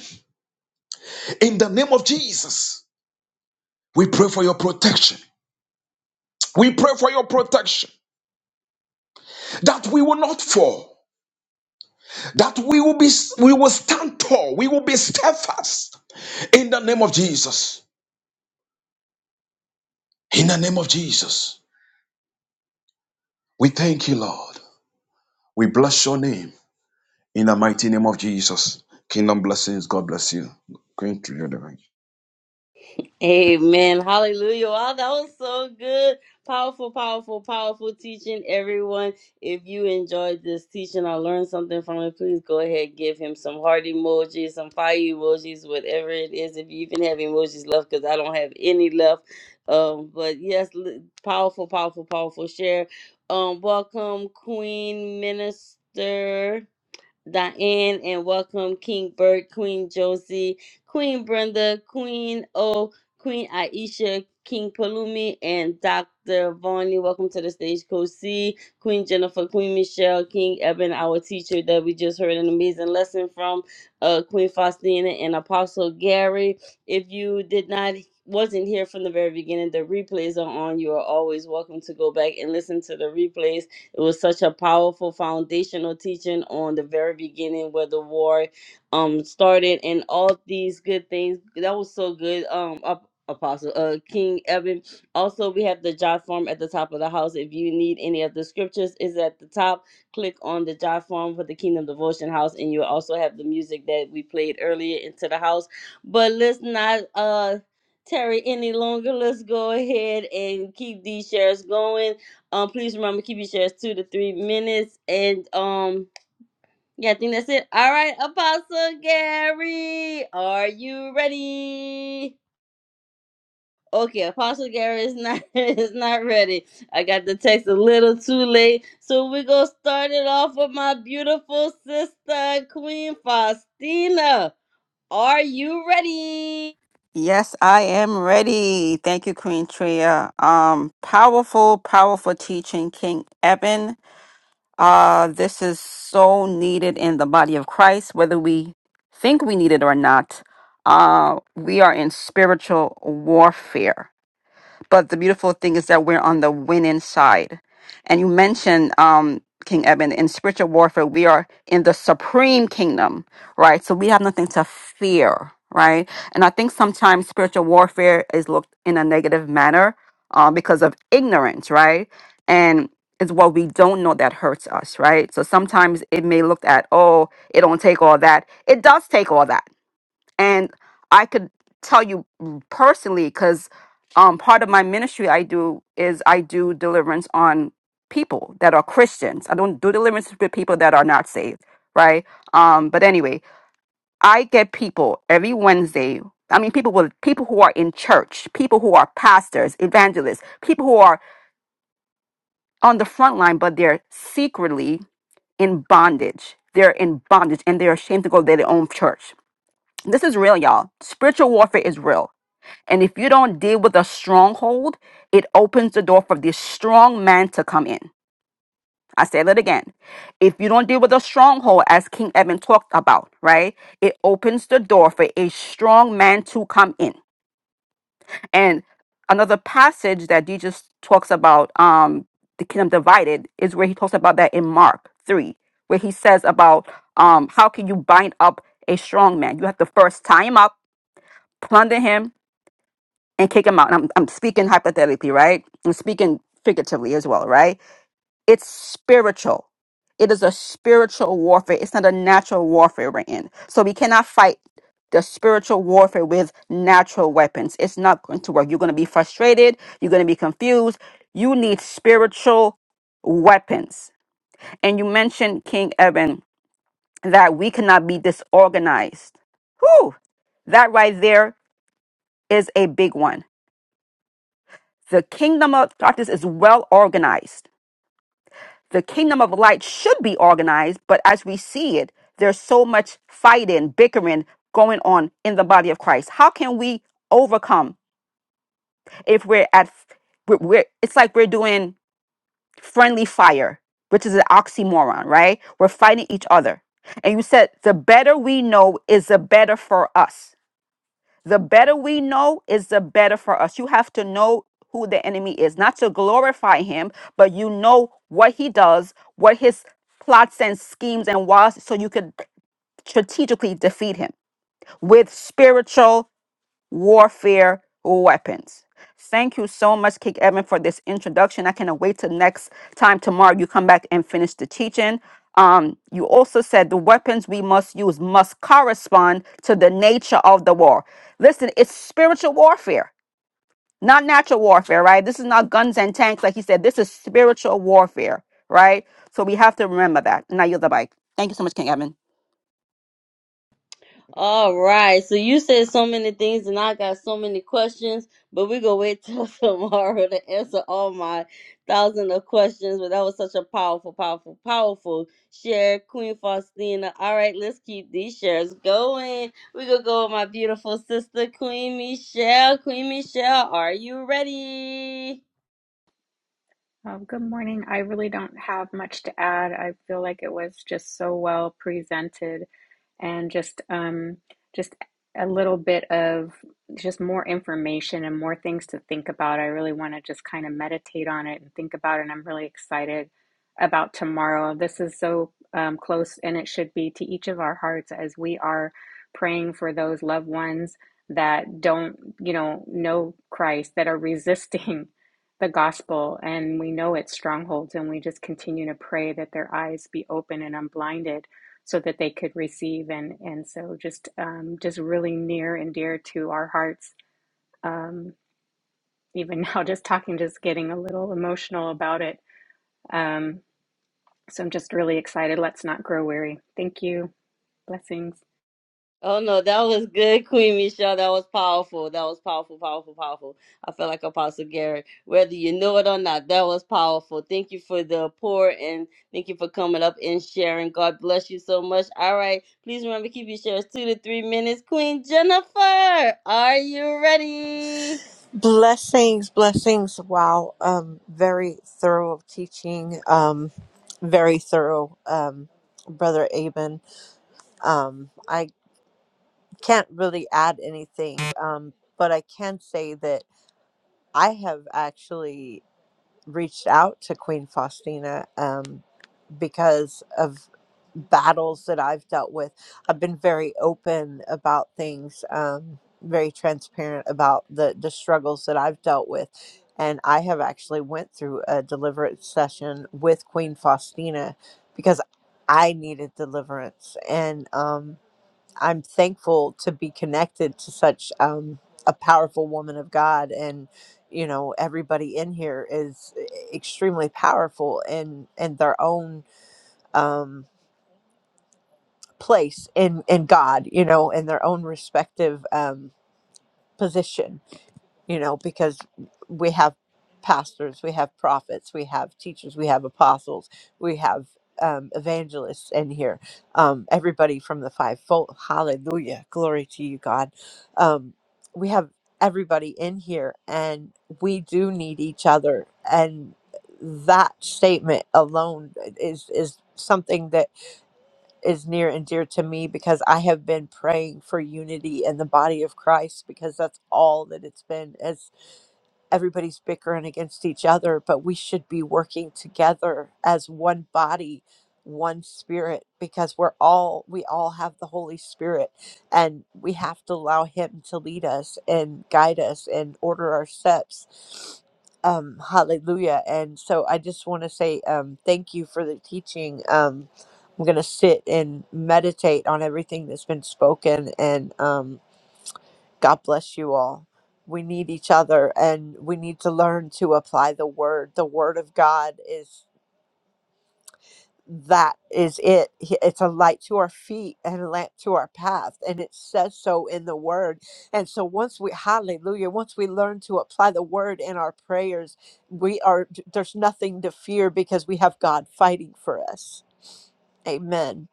in the name of Jesus. We pray for your protection. We pray for your protection that we will not fall, that we will be we will stand tall, we will be steadfast in the name of Jesus. In the name of Jesus. We thank you, Lord. We bless your name in the mighty name of Jesus. Kingdom blessings. God bless you. Going through your divine.
Amen. Hallelujah. Wow, that was so good. Powerful, powerful, powerful teaching, everyone. If you enjoyed this teaching or learned something from it, please go ahead, give him some heart emojis, some fire emojis, whatever it is. If you even have emojis left, because I don't have any left. Um, but yes, l- powerful, powerful, powerful share. Um, welcome, Queen Minister. Diane, and welcome King Bert, Queen Josie, Queen Brenda, Queen O, Queen Aisha, King Palumi, and Dr. Vonnie. Welcome to the stage, Coach C, Queen Jennifer, Queen Michelle, King Eben, our teacher that we just heard an amazing lesson from, uh, Queen Faustina and Apostle Gary. If you did not wasn't here from the very beginning, the replays are on. You are always welcome to go back and listen to the replays it was such a powerful foundational teaching on the very beginning where the war um started and all these good things. That was so good. Um up Apostle uh King Evan. Also we have the jot form at the top of the house. If you need any of the scriptures, is at the top. Click on the jot form for the Kingdom Devotion House and you'll also have the music that we played earlier into the house. But let's not uh tarry any longer. Let's go ahead and keep these shares going. Um, please remember keep your shares two to three minutes. And um, yeah, I think that's it. All right, Apostle Gary, are you ready? Okay, Apostle Gary is not [laughs] is not ready. I got the text a little too late, so we're gonna start it off with my beautiful sister, Queen Faustina. Are you ready?
Yes, I am ready. Thank you, Queen Tria. Um, powerful, powerful teaching, King Eben. Uh, this is so needed in the body of Christ, whether we think we need it or not. Uh, we are in spiritual warfare. But the beautiful thing is that we're on the winning side. And you mentioned, um, King Eben, in spiritual warfare, we are in the supreme kingdom, right? So we have nothing to fear, right? And I think sometimes spiritual warfare is looked in a negative manner uh, because of ignorance, right? And it's what we don't know that hurts us, right? So sometimes it may look at, oh, it don't take all that. It does take all that and I could tell you personally because um, part of my ministry I do is I do deliverance on people that are Christians. I don't do deliverance with people that are not saved, right? Um, but anyway, I get people every Wednesday. I mean, people will people who are in church, people who are pastors, evangelists, people who are on the front line, but they're secretly in bondage. They're in bondage and they're ashamed to go to their own church. This is real, y'all. Spiritual warfare is real And if you don't deal with a stronghold, it opens the door for this strong man to come in. I said it again. If you don't deal with a stronghold, as King Evan talked about, right? It opens the door for a strong man to come in. And another passage that Jesus talks about, um, the kingdom divided, is where he talks about that in Mark 3, where he says about um, how can you bind up a strong man? You have to first tie him up, plunder him, and kick him out. And I'm, I'm speaking hypothetically, right? I'm speaking figuratively as well, right? It's spiritual. It is a spiritual warfare. It's not a natural warfare we're in. So we cannot fight the spiritual warfare with natural weapons. It's not going to work. You're going to be frustrated. You're going to be confused. You need spiritual weapons. And you mentioned, King Evan, that we cannot be disorganized. Whew! That right there is a big one The kingdom of darkness is well organized. The kingdom of light should be organized, but as we see it, there's so much fighting, bickering going on in the body of Christ. How can we overcome if we're at we're, we're it's like we're doing friendly fire, which is an oxymoron, right? We're fighting each other. And you said the better we know is the better for us The better we know is the better for us. You have to know who the enemy is, not to glorify him, but you know what he does, what his plots and schemes and was, so you could strategically defeat him with spiritual warfare weapons. Thank you so much, Kick Evan, for this introduction. I cannot wait till next time tomorrow you come back and finish the teaching. Um, you also said the weapons we must use must correspond to the nature of the war. Listen, it's spiritual warfare, not natural warfare, right? This is not guns and tanks, like you said. This is spiritual warfare, right? So we have to remember that. Now you're the bike. Thank you so much, King Evan.
All right. So you said so many things, and I got so many questions, but we're going to wait till [laughs] tomorrow to answer all my thousand of questions. But that was such a powerful, powerful, powerful share, Queen Faustina. All right, let's keep these shares going. We're going to go with my beautiful sister, Queen Michelle. Queen Michelle, are you ready?
Oh, good morning. I really don't have much to add. I feel like it was just so well presented and just um just a little bit of just more information and more things to think about. I really want to just kind of meditate on it and think about it. And I'm really excited about tomorrow. This is so um, close and it should be to each of our hearts as we are praying for those loved ones that don't, you know, know Christ, that are resisting. [laughs] the gospel and we know its strongholds and we just continue to pray that their eyes be open and unblinded so that they could receive and and so just um, just really near and dear to our hearts um, even [laughs] now just talking just getting a little emotional about it um, so i'm just really excited let's not grow weary thank you blessings
Oh no, that was good, Queen Michelle. That was powerful. That was powerful, powerful, powerful. I felt like Apostle Gary. Whether you know it or not, that was powerful. Thank you for the pour and thank you for coming up and sharing. God bless you so much. All right. Please remember keep your shares two to three minutes. Queen Jennifer, are you ready?
Blessings, blessings. Wow. Um, very thorough teaching. Um, very thorough, um, Brother Aben. Um, I can't really add anything, um, but I can say that I have actually reached out to Queen Faustina. Um, because of battles that I've dealt with. I've been very open about things, um, very transparent about the the struggles that I've dealt with. And I have actually went through a deliverance session with Queen Faustina because I needed deliverance. And um, I'm thankful to be connected to such um, a powerful woman of God. And, you know, everybody in here is eh, extremely powerful in, in their own um, place in in God, you know, in their own respective um, position, you know, because we have pastors, we have prophets, we have teachers, we have apostles, we have um, evangelists in here. Um, everybody from the fivefold. Hallelujah, glory to you, God. Um, we have everybody in here, and we do need each other, and that statement alone is is something that is near and dear to me because I have been praying for unity in the body of Christ because that's all that it's been everybody's bickering against each other, but we should be working together as one body, one spirit, because we're all, we all have the Holy Spirit and we have to allow Him to lead us and guide us and order our steps. Um, hallelujah. And so I just want to say um, thank you for the teaching. Um, I'm going to sit and meditate on everything that's been spoken and, um, God bless you all. We need each other and we need to learn to apply the word. The word of God is that is it. He- It's a light to our feet and a lamp to our path. And it says so in the word. And so once we hallelujah, once we learn to apply the word in our prayers, we are there's nothing to fear because we have God fighting for us. Amen.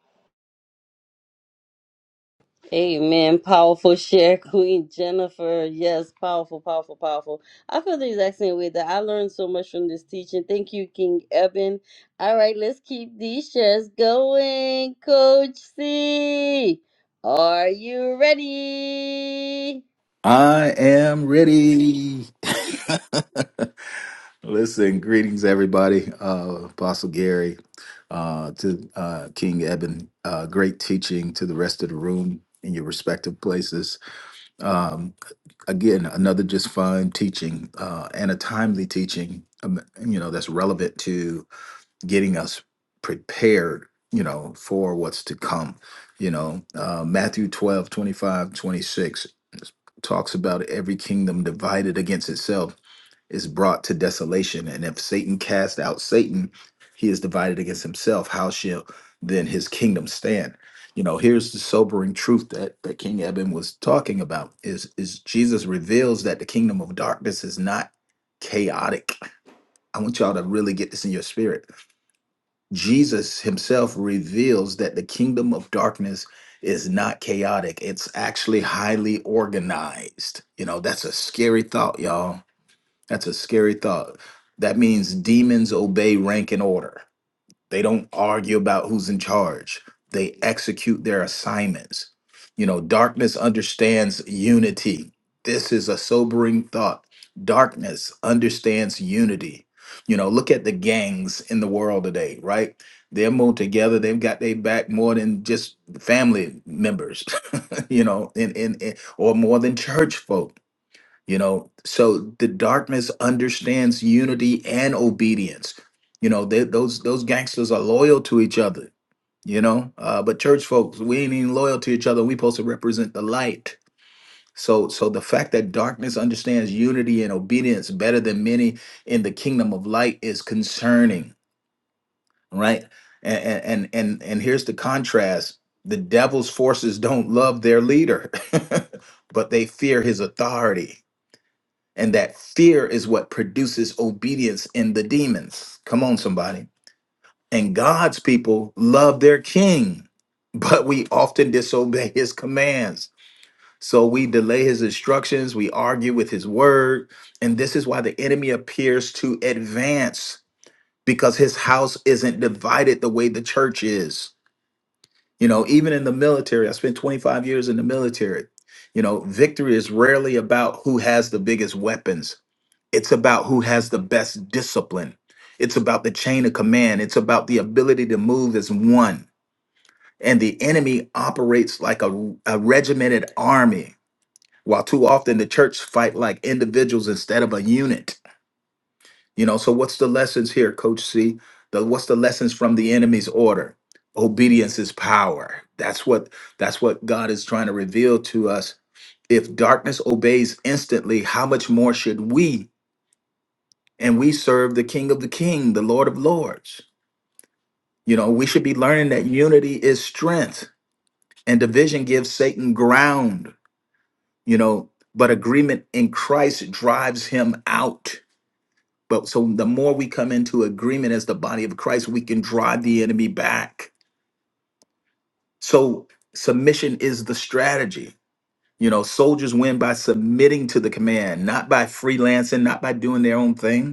Amen. Powerful share, [laughs] Queen Jennifer. Yes, powerful, powerful, powerful. I feel the exact same way that I learned so much from this teaching. Thank you, King Eben. All right, let's keep these shares going. Coach C, are you ready?
I am ready. [laughs] Listen, greetings, everybody. Uh, Apostle Gary, uh, to uh, King Eben, uh, great teaching to the rest of the room in your respective places. Um, again, another just fine teaching uh, and a timely teaching, um, you know, that's relevant to getting us prepared, you know, for what's to come. You know, uh, Matthew 12 25 26 talks about every kingdom divided against itself is brought to desolation. And if Satan cast out Satan, he is divided against himself. How shall then his kingdom stand? You know, here's the sobering truth that, that King Eben was talking about is, is Jesus reveals that the kingdom of darkness is not chaotic. I want y'all to really get this in your spirit Jesus himself reveals that the kingdom of darkness is not chaotic, it's actually highly organized. You know, that's a scary thought, y'all. That's a scary thought. That means demons obey rank and order. They don't argue about who's in charge. They execute their assignments. You know, darkness understands unity. This is a sobering thought. Darkness understands unity. You know, look at the gangs in the world today, right? They're more together. They've got their back more than just family members, [laughs] you know, in, in, in or more than church folk you know so the darkness understands unity and obedience you know they, those those gangsters are loyal to each other you know uh, but church folks we ain't even loyal to each other we supposed to represent the light so so the fact that darkness understands unity and obedience better than many in the kingdom of light is concerning right and and and and here's the contrast the devil's forces don't love their leader [laughs] but they fear his authority and that fear is what produces obedience in the demons. Come on, somebody. And God's people love their king, [laughs] but we often disobey his commands. So we delay his instructions, we argue with his word. And this is why the enemy appears to advance because his house isn't divided the way the church is. You know, even in the military, I spent 25 years in the military. You know, victory is rarely about who has the biggest weapons it's about who has the best discipline. It's about the chain of command. It's about the ability to move as one. And the enemy operates like a, a regimented army, while too often the church fight like individuals instead of a unit. You know, so what's the lessons here, Coach C? The, what's the lessons from the enemy's order? Obedience is power. That's what that's what God is trying to reveal to us. If darkness obeys instantly, how much more should we and we serve the King of the King, the Lord of Lords. You know, we should be learning that unity is strength and division gives Satan ground, you know, but agreement in Christ drives him out. But so the more we come into agreement as the body of Christ, we can drive the enemy back. So submission is the strategy. You know, soldiers win by submitting to the command, not by freelancing, not by doing their own thing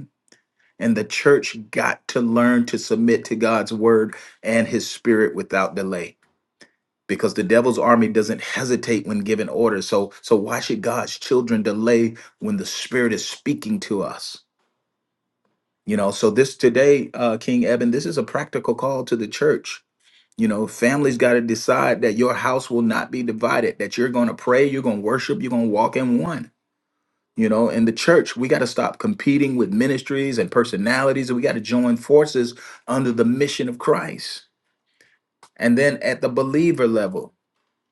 And the church got to learn to submit to God's word and his spirit without delay because the devil's army doesn't hesitate when given orders. So so why should God's children delay when the spirit is speaking to us? You know, so this today uh King Eben, this is a practical call to the church. You know, families got to decide that your house will not be divided, that you're going to pray, you're going to worship, you're going to walk in one you know, in the church, we got to stop competing with ministries and personalities, and we got to join forces under the mission of Christ. And then at the believer level,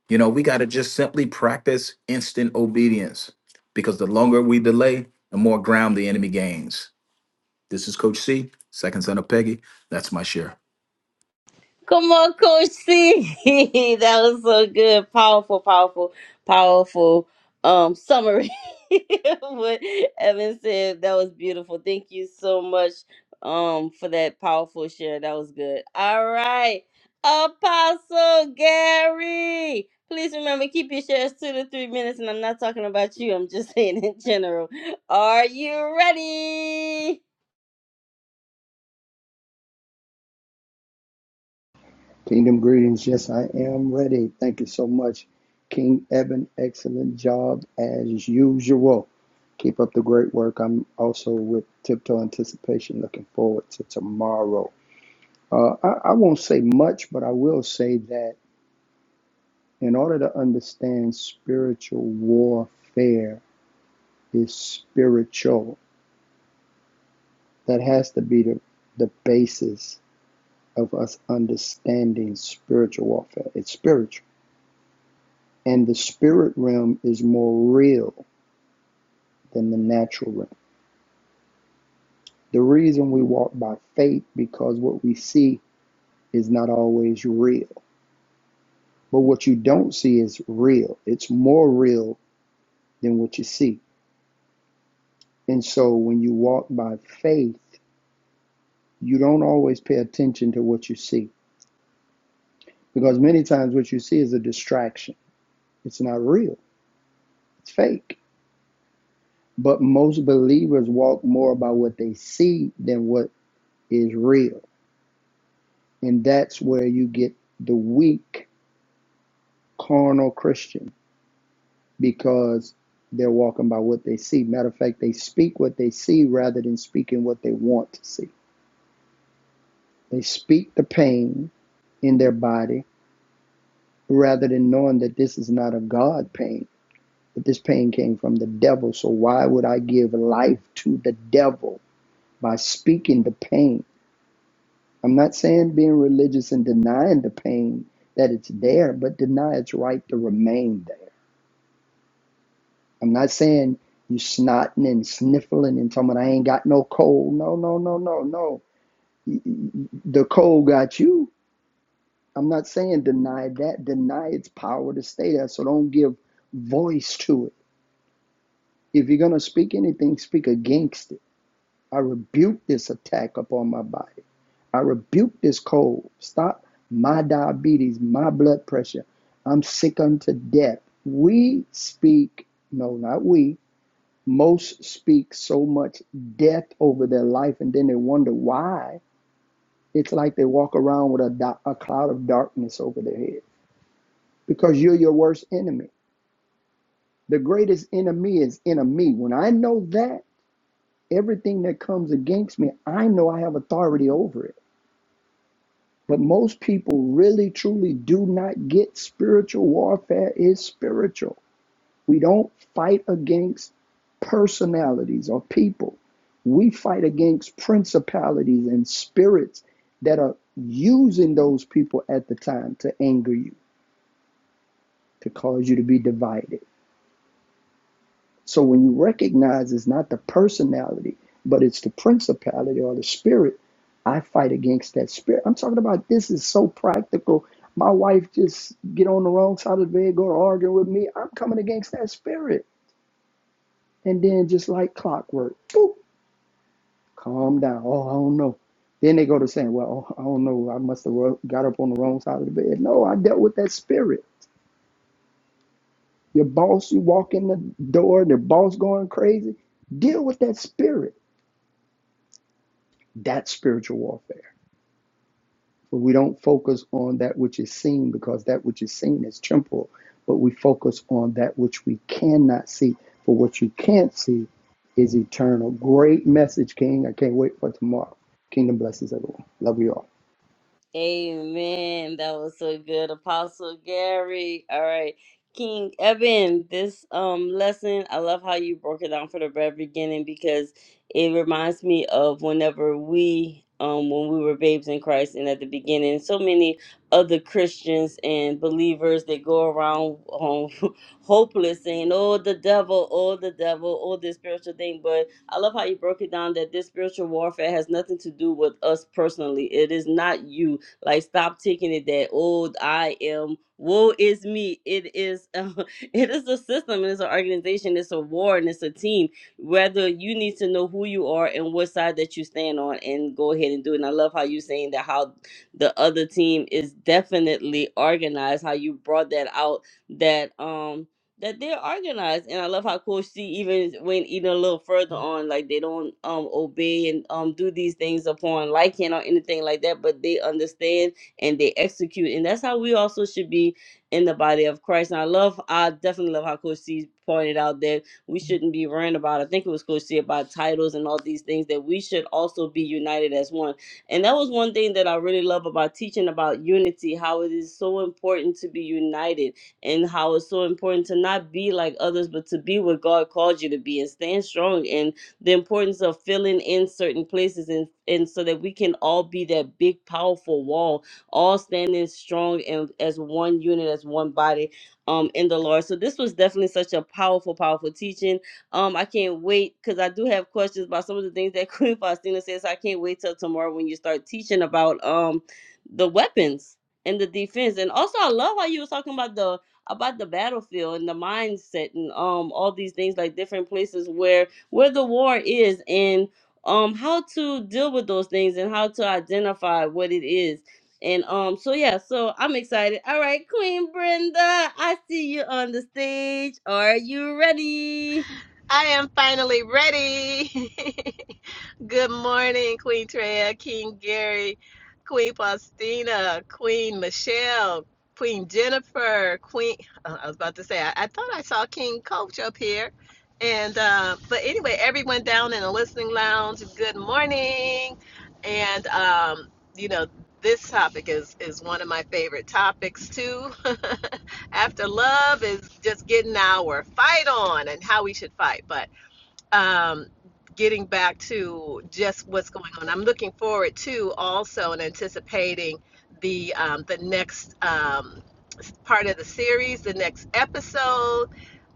you know, we got to just simply practice instant obedience because the longer we delay, the more ground the enemy gains. This is Coach C, second son of Peggy. That's my share.
Come on, Coach C. [laughs] that was so good. Powerful, powerful, powerful um summary. [laughs] what Evan said. That was beautiful. Thank you so much um for that powerful share. That was good. All right. Apostle Gary. Please remember, keep your shares two to three minutes, and I'm not talking about you. I'm just [laughs] saying in general. Are you ready?
Kingdom greetings. Yes, I am ready. Thank you so much, King Eben. Excellent job as usual. Keep up the great work. I'm also with tiptoe anticipation, looking forward to tomorrow. Uh, I, I won't say much, but I will say that in order to understand spiritual warfare is spiritual, that has to be the, the basis of us understanding spiritual warfare. It's spiritual And the spirit realm is more real than the natural realm. The reason we walk by faith because what we see is not always real. But what you don't see is real. It's more real than what you see. And so when you walk by faith, you don't always pay attention to what you see because many times what you see is a distraction. It's not real. It's fake. But most believers walk more by what they see than what is real. And that's where you get the weak carnal Christian because they're walking by what they see. Matter of fact, they speak what they see rather than speaking what they want to see. They speak the pain in their body rather than knowing that this is not a God pain, but this pain came from the devil. So why would I give life to the devil by speaking the pain? I'm not saying being religious and denying the pain that it's there, but deny its right to remain there I'm not saying you snotting and sniffling and talking about I ain't got no cold. No, no, no, no, no. The cold got you. I'm not saying deny that. Deny its power to stay there. So don't give voice to it. If you're going to speak anything, speak against it. I rebuke this attack upon my body. I rebuke this cold. Stop my diabetes, my blood pressure. I'm sick unto death. We speak, no, not we. Most speak so much death over their life and then they wonder why. It's like they walk around with a, do- a cloud of darkness over their head because you're your worst enemy. The greatest enemy is in me. When I know that, everything that comes against me, I know I have authority over it. But most people really, truly do not get spiritual warfare is spiritual. We don't fight against personalities or people. We fight against principalities and spirits that are using those people at the time to anger you, to cause you to be divided. So when you recognize it's not the personality, but it's the principality or the spirit, I fight against that spirit. I'm talking about this is so practical. My wife just get on the wrong side of the bed, go arguing with me. I'm coming against that spirit. And then just like clockwork, boop, Calm down. Oh, I don't know. Then they go to saying, well, oh, I don't know. I must have ro- got up on the wrong side of the bed. No, I dealt with that spirit. Your boss, you walk in the door, the boss going crazy. Deal with that spirit. That's spiritual warfare. But we don't focus on that which is seen because that which is seen is temporal. But we focus on that which we cannot see. For what you can't see is eternal. Great message, King. I can't wait for tomorrow. Kingdom blesses everyone. Love you all.
Amen. That was so good, Apostle Gary. All right, King Eben. This um lesson, I love how you broke it down for the very beginning because it reminds me of whenever we um when we were babes in Christ, and at the beginning, so many other Christians and believers that go around um, [laughs] hopeless, saying, "Oh, the devil! Oh, the devil! Oh, this spiritual thing." But I love how you broke it down that this spiritual warfare has nothing to do with us personally. It is not you. Like stop taking it that old I am woe is me. It is um, [laughs] it is a system, it's an organization, it's a war, and it's a team. Whether you need to know who you are and what side that you stand on and go ahead and do it. And I love how you saying that how the other team is definitely organized, how you brought that out that um that they're organized and i love how coach c even went even a little further on like they don't um obey and um do these things upon liking or anything like that but they understand and they execute and that's how we also should be in the body of christ and i love i definitely love how coach c pointed out that we shouldn't be worrying about i think it was coach c about titles and all these things that we should also be united as one and that was one thing that i really love about teaching about unity how it is so important to be united and how it's so important to not be like others, but to be what God called you to be and stand strong and the importance of filling in certain places and, and so that we can all be that big, powerful wall, all standing strong and as one unit, as one body um in the Lord. So this was definitely such a powerful, powerful teaching. Um, I can't wait because I do have questions about some of the things that [laughs] Queen Faustina says. I can't wait till tomorrow when you start teaching about um the weapons and the defense. And also I love how you were talking about the about the battlefield and the mindset and um all these things like different places where where the war is and um how to deal with those things and how to identify what it is. And um so yeah, so I'm excited. All right, Queen Brenda, I see you on the stage. Are you ready?
I am finally ready. [laughs] Good morning, Queen Treya, King Gary, Queen Faustina, Queen Michelle, Queen Jennifer, Queen. uh, I was about to say, I, I thought I saw King Coach up here. And, uh, but anyway, everyone down in the listening lounge, good morning. And, um, you know, this topic is, is one of my favorite topics too. [laughs] after love is just getting our fight on and how we should fight but um getting back to just what's going on i'm looking forward to also and anticipating the um the next um part of the series the next episode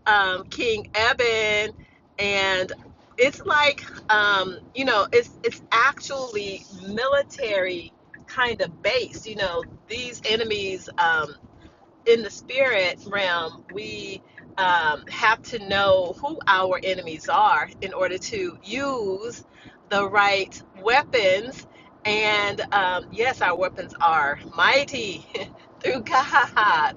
um king eben and it's like um you know it's it's actually military kind of base you know these enemies um in the spirit realm, we um, have to know who our enemies are in order to use the right weapons. And um, yes, our weapons are mighty [laughs] through God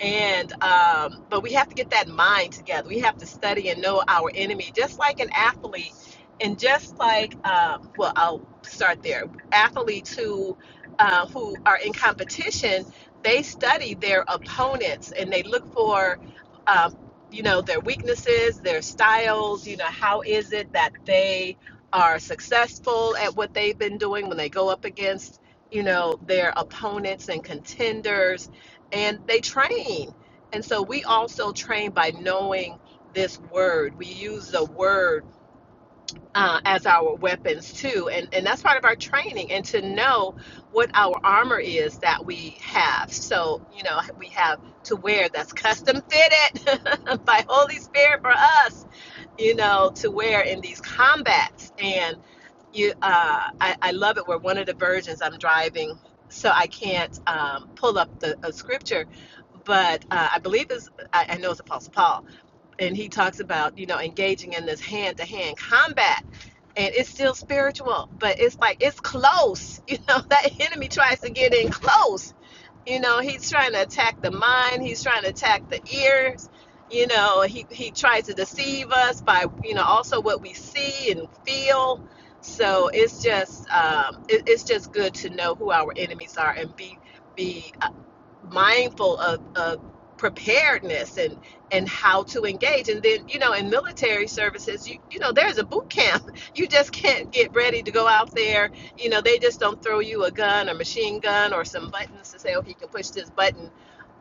and um, but we have to get that mind together we have to study and know our enemy just like an athlete and just like um, well i'll start there athletes who uh, who are in competition they study their opponents and they look for um, you know their weaknesses their styles you know how is it that they are successful at what they've been doing when they go up against you know their opponents and contenders and they train. And so we also train by knowing this word. We use the word uh, as our weapons too, and and that's part of our training. And to know what our armor is that we have. So you know we have to wear that's custom fitted [laughs] by Holy Spirit for us you know, to where in these combats and you, uh, I, I love it where one of the versions I'm driving, so I can't um, pull up the a scripture, but uh, I believe is I, I know it's Apostle Paul, and he talks about you know engaging in this hand-to-hand combat, and it's still spiritual, but it's like it's close. [laughs] You know that enemy tries to get in close, you know, he's trying to attack the mind, he's trying to attack the ears. You know, he, he tries to deceive us by, you know, also what we see and feel. So it's just um, it, it's just good to know who our enemies are and be be mindful of, of preparedness and and how to engage and then you know in military services you you know there's a boot camp [laughs] you just can't get ready to go out there you know they just don't throw you a gun or machine gun or some buttons to say oh you can push this button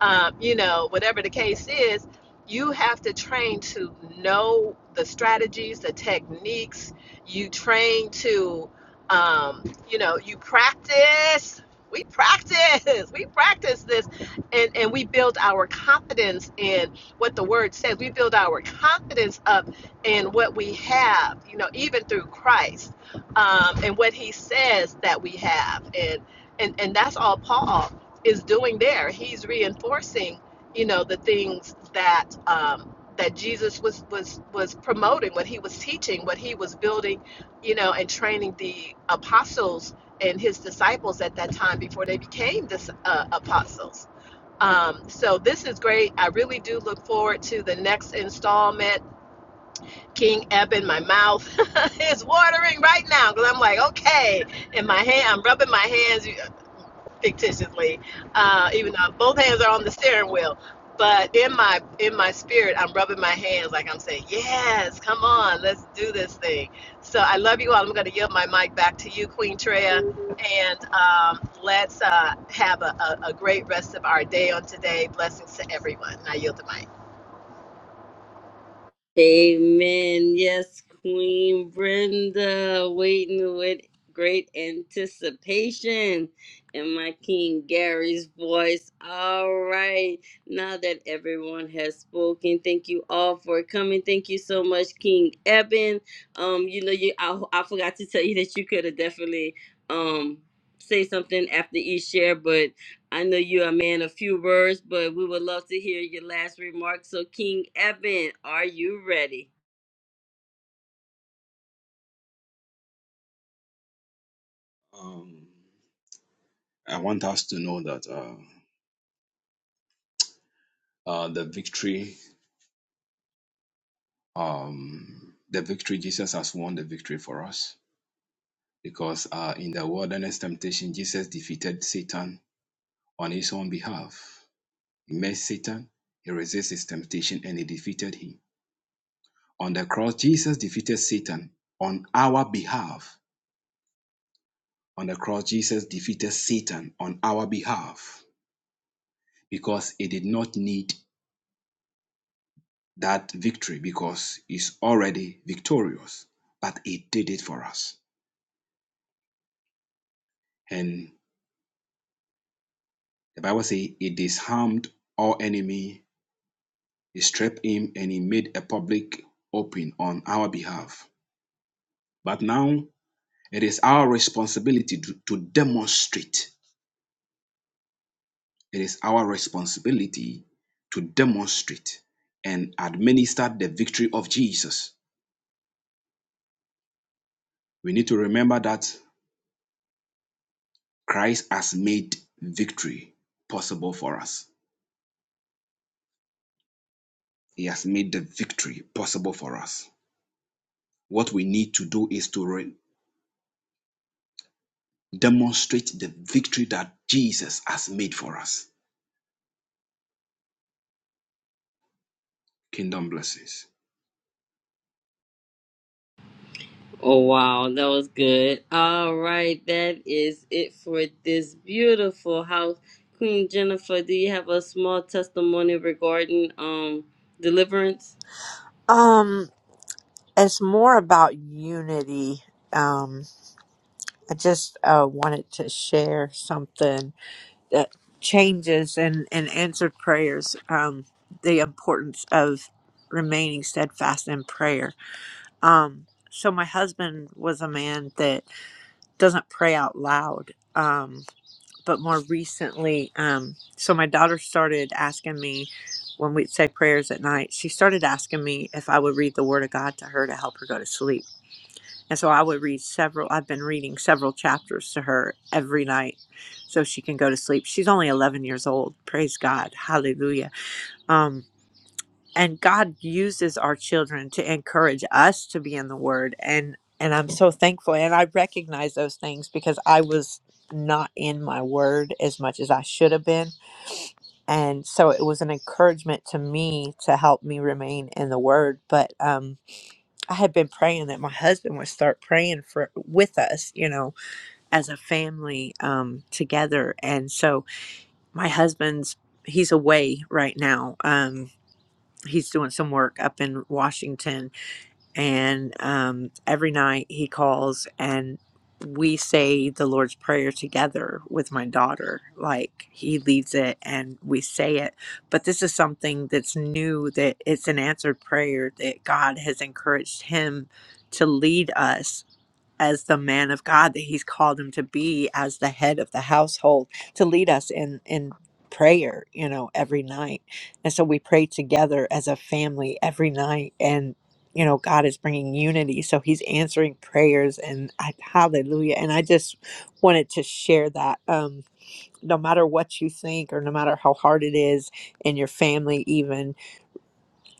um, you know whatever the case is you have to train to know the strategies the techniques you train to um, you know you practice we practice [laughs] we practice this and and we build our confidence in what the word says we build our confidence up in what we have you know even through christ um, and what he says that we have and and and that's all paul is doing there he's reinforcing you know the things that um, that jesus was was was promoting what he was teaching what he was building you know and training the apostles and his disciples at that time before they became dis- uh, apostles um, so this is great. I really do look forward to the next installment. King Eben, my mouth [laughs] is watering right now because I'm like, okay, in my hand, I'm rubbing my hands. You, fictitiously, uh, even though both hands are on the steering wheel. But in my in my spirit, I'm rubbing my hands like I'm saying, "Yes, come on, let's do this thing." So I love you all. I'm going to yield my mic back to you, Queen Treya, and um, let's uh, have a, a, a great rest of our day on today. Blessings to everyone. And I yield the mic.
Amen. Yes, Queen Brenda, waiting with great anticipation in my King Gary's voice. All right. Now that everyone has spoken, thank you all for coming. Thank you so much, King Eben. Um, you know, you I, I forgot to tell you that you could have definitely um say something after each share, but I know you're a man of few words, but we would love to hear your last remarks. So, King Evan, are you ready?
Um, I want us to know that uh, uh, the victory um, the victory. Jesus has won the victory for us because uh, in the wilderness temptation, Jesus defeated Satan on his own behalf. He met Satan, he resisted his temptation, and he defeated him. On the cross, Jesus defeated Satan on our behalf. On the cross, Jesus defeated Satan on our behalf because he did not need that victory because he's already victorious, but he did it for us. and. The Bible says he disarmed all enemy, he stripped him, and he made a public open on our behalf. But now it is our responsibility to, to demonstrate. It is our responsibility to demonstrate and administer the victory of Jesus. We need to remember that Christ has made victory possible for us. He has made the victory possible for us. What we need to do is to re- demonstrate the victory that Jesus has made for us. Kingdom blessings.
Oh, wow, that was good. All right, that is it for this beautiful house. Queen Jennifer, do you have a small testimony regarding um deliverance?
Um, it's more about unity. Um, I just uh, wanted to share something that changes and, and answered prayers, um, the importance of remaining steadfast in prayer. Um, so, my husband was a man that doesn't pray out loud. Um, but more recently, um, so my daughter started asking me when we'd say prayers at night, she started asking me if I would read the Word of God to her to help her go to sleep and so I would read several, I've been reading several chapters to her every night so she can go to sleep. She's only 11 years old. Praise God. Hallelujah. Um, and God uses our children to encourage us to be in the word. And, and I'm so thankful. And I recognize those things because I was not in my word as much as I should have been. And so it was an encouragement to me to help me remain in the word. But, um, I had been praying that my husband would start praying for with us, you know, as a family um, together. And so my husband's he's away right now. Um, he's doing some work up in Washington and um, every night he calls and we say the lord's prayer together with my daughter like he leads it and we say it but this is something that's new that it's an answered prayer that god has encouraged him to lead us as the man of God that he's called him to be as the head of the household to lead us in in prayer, you know, every night. And so we pray together as a family every night and you know, God is bringing unity. So he's answering prayers and I, hallelujah. And I just wanted to share that um no matter what you think or no matter how hard it is in your family even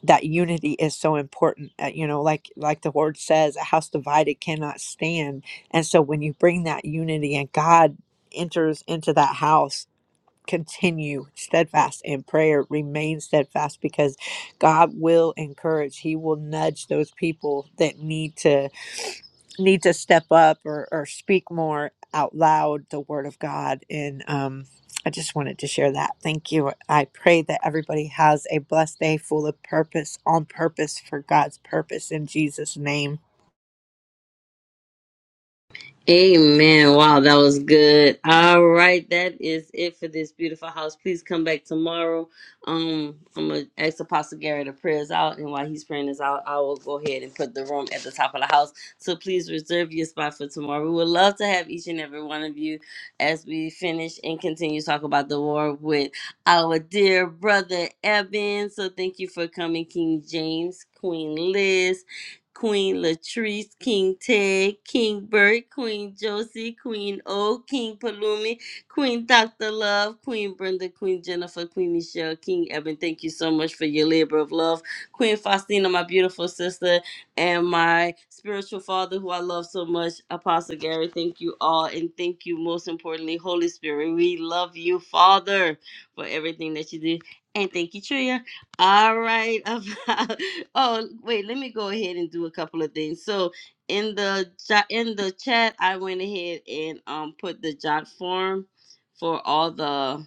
that unity is so important uh, you know like like the word says a house divided cannot stand and so when you bring that unity and god enters into that house continue steadfast in prayer remain steadfast because god will encourage he will nudge those people that need to need to step up or, or speak more out loud the word of God. And um, I just wanted to share that. Thank you. I pray that everybody has a blessed day full of purpose, on purpose for God's purpose in Jesus' name.
Amen. Wow, that was good. All right, that is it for this beautiful house. Please come back tomorrow. Um, I'm gonna ask Apostle Gary to pray us out, and while he's praying us out, I will go ahead and put the room at the top of the house. So please reserve your spot for tomorrow. We would love to have each and every one of you as we finish and continue to talk about the war with our dear brother Evan. So thank you for coming, King James, Queen Liz. Queen Latrice, King Ted, King Bert, Queen Josie, Queen O, King Palumi, Queen Dr. Love, Queen Brenda, Queen Jennifer, Queen Michelle, King Evan. Thank you so much for your labor of love. Queen Faustina, my beautiful sister, and my spiritual father, who I love so much, Apostle Gary. Thank you all. And thank you, most importantly, Holy Spirit. We love you, Father, for everything that you do. And thank you, Tria. All right. [laughs] About, oh, wait. Let me go ahead and do a couple of things. So in the jo- in the chat, I went ahead and um put the jot form for all the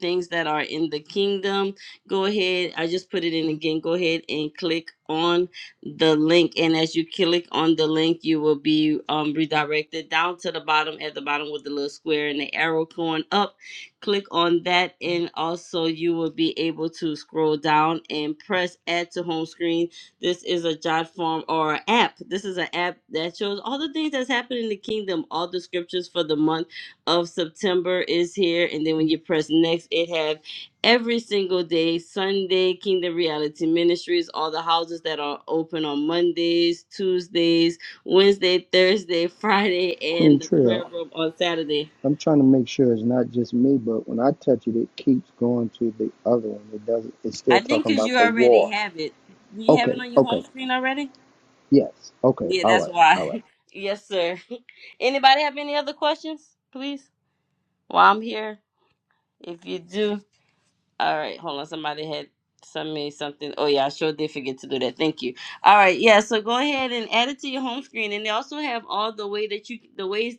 things that are in the kingdom, go ahead. I just put it in again. Go ahead and click on the link. And as you click on the link, you will be um, redirected down to the bottom at the bottom with the little square and the arrow going up. Click on that, and also you will be able to scroll down and press add to home screen. This is a jot form or app. This is an app that shows all the things that's happening in the kingdom, all the scriptures for the month of September is here, and then when you press next, it have every single day, Sunday, Kingdom Reality Ministries, all the houses that are open on Mondays, Tuesdays, Wednesday, Thursday, Friday,
Queen
and the
Trill.
prayer room on Saturday.
I'm trying to make sure it's not just me, but when I touch it, it keeps going to the other one. It doesn't. It's
I
still
think
talking
because you
about the
already
war.
have it. Do you have it
Okay.
on your home
Okay.
screen already?
Yes. Okay.
Yeah,
All
that's
right. All right.
why. [laughs] yes, sir. [laughs] Anybody have any other questions, please? While I'm here, if you do. All right, hold on. Somebody had sent me something. Oh yeah, I sure did forget to do that. Thank you. All right, yeah. So go ahead and add it to your home screen, and they also have all the way that you the ways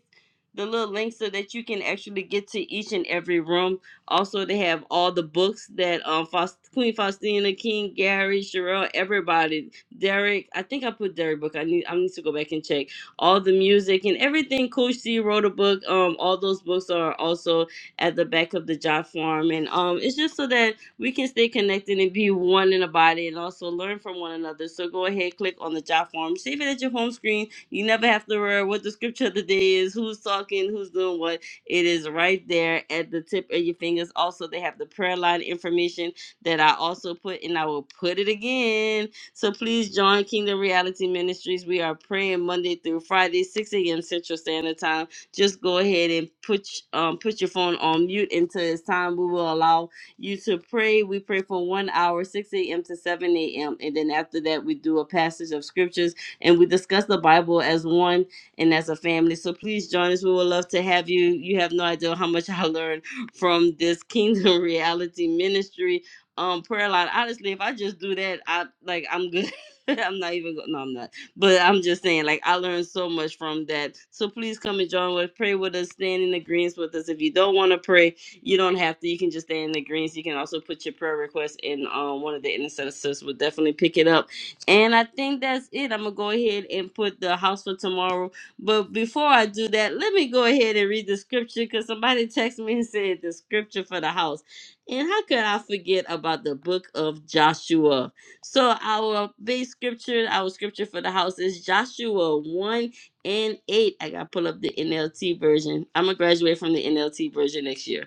the little links so that you can actually get to each and every room. Also, they have all the books that um Faust, Queen Faustina, King Gary, Sherelle, everybody, Derek. I think I put Derek book. I need I need to go back and check all the music and everything. Coach C wrote a book. Um, all those books are also at the back of the job form. And um, it's just so that we can stay connected and be one in a body and also learn from one another. So go ahead, click on the job form, save it at your home screen. You never have to worry what the scripture of the day is, who's talking, who's doing what. It is right there at the tip of your fingers. Also, they have the prayer line information that I also put, and I will put it again. So please join Kingdom Reality Ministries. We are praying Monday through Friday, 6 a.m. Central Standard Time just go ahead and put um, put your phone on mute until it's time. We will allow you to pray. We pray for one hour, 6 a.m. to 7 a.m. And then after that, we do a passage of scriptures and we discuss the Bible as one and as a family. So please join us. We would love to have you. You have no idea how much [laughs] I learned from this Kingdom [laughs] Reality Ministry um prayer line. Honestly, if I just do that, I like I'm good. [laughs] I'm not even. go- No, I'm not but I'm just saying, like, I learned so much from that. So please come and join with, pray with us, stand in agreement with us. If you don't want to pray, you don't have to. You can just stand in agreement. You can also put your prayer request in um, one of the intercessors. will definitely pick it up. And I think that's it. I'm gonna go ahead and put the house for tomorrow. But before I do that, let me go ahead and read the scripture because somebody texted me and said the scripture for the house. And how could I forget about the book of Joshua? So our base scripture, our scripture for the house is Joshua 1 and 8. I gotta pull up the NLT version. I'm gonna graduate from the NLT version next year.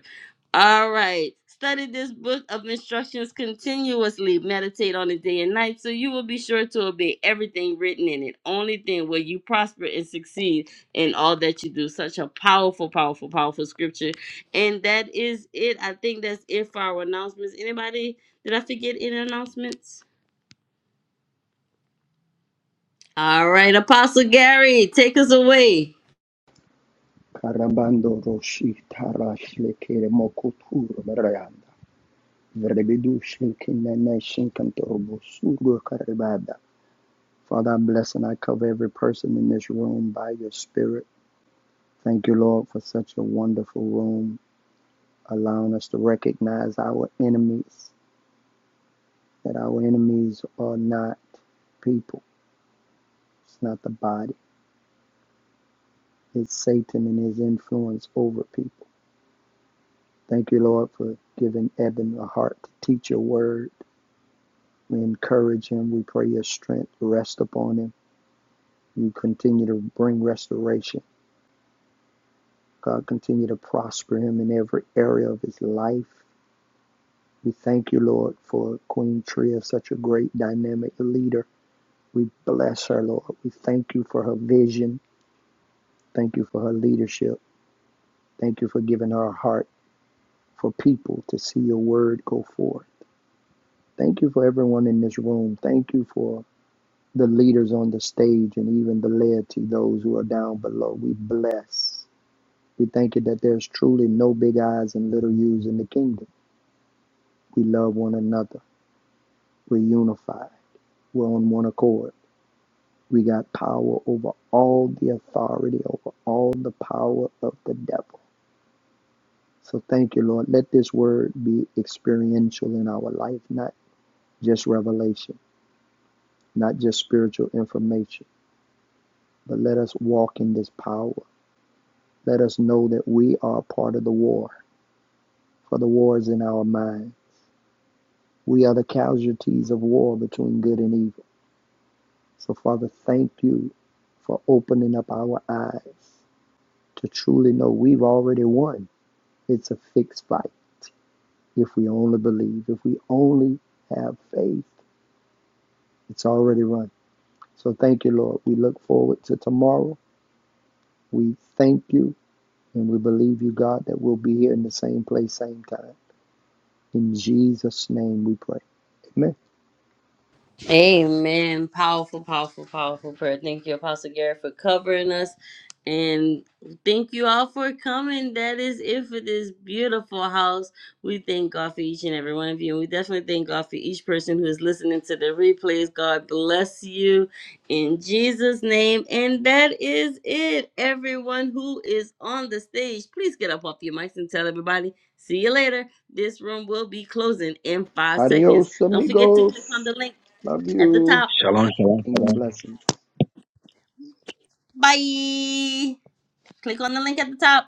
All right. Study this book of instructions continuously. Meditate on it day and night so you will be sure to obey everything written in it. Only then will you prosper and succeed in all that you do. Such a powerful, powerful, powerful scripture. And that is it. I think that's it for our announcements. Anybody? Did I forget any announcements? All right, Apostle Gary, take us away.
Karabando roshi tarash lekere mokutur berayanda. Verebidu shinkinene shinkantorobo sugo karibada. Father, I bless and I cover every person in this room by your spirit. Thank you, Lord, for such a wonderful room, allowing us to recognize our enemies that our enemies are not people. It's not the body. It's Satan and his influence over people. Thank you, Lord, for giving Eben a heart to teach your word. We encourage him. We pray your strength rest upon him. You continue to bring restoration. God, continue to prosper him in every area of his life. We thank you, Lord, for Queen Tria, such a great dynamic leader. We bless her, Lord. We thank you for her vision. Thank you for her leadership. Thank you for giving her a heart for people to see your word go forth. Thank you for everyone in this room. Thank you for the leaders on the stage and even the laity, those who are down below. We bless. We thank you that there's truly no big eyes and little U's in the kingdom. We love one another. We're unified. We're on one accord. We got power over all the authority, over all the power of the devil. So thank you, Lord. Let this word be experiential in our life, not just revelation. not just spiritual information, but let us walk in this power. Let us know that we are part of the war, for the war is in our mind. We are the casualties of war between good and evil. So, Father, thank you for opening up our eyes to truly know we've already won. It's a fixed fight. If we only believe, if we only have faith, it's already run. So, thank you, Lord. We look forward to tomorrow. We thank you And we believe you, God, that we'll be here in the same place, same time. In Jesus' name we pray. Amen.
Amen. Powerful, powerful, powerful prayer. Thank you, Apostle Gary, for covering us. And thank you all for coming. That is it for this beautiful house. We thank God for each and every one of you. And we definitely thank God for each person who is listening to the replays. God bless you in Jesus' name. And that is it. Everyone who is on the stage, please get up off your mics and tell everybody. See you later. This room will be closing in five seconds.
Adios,
Don't forget to click on the
amigos.
link
Love
at the
you.
top.
Shalom, shalom,
Kingdom
shalom.
blessings.
Bye. Click on the link at the top.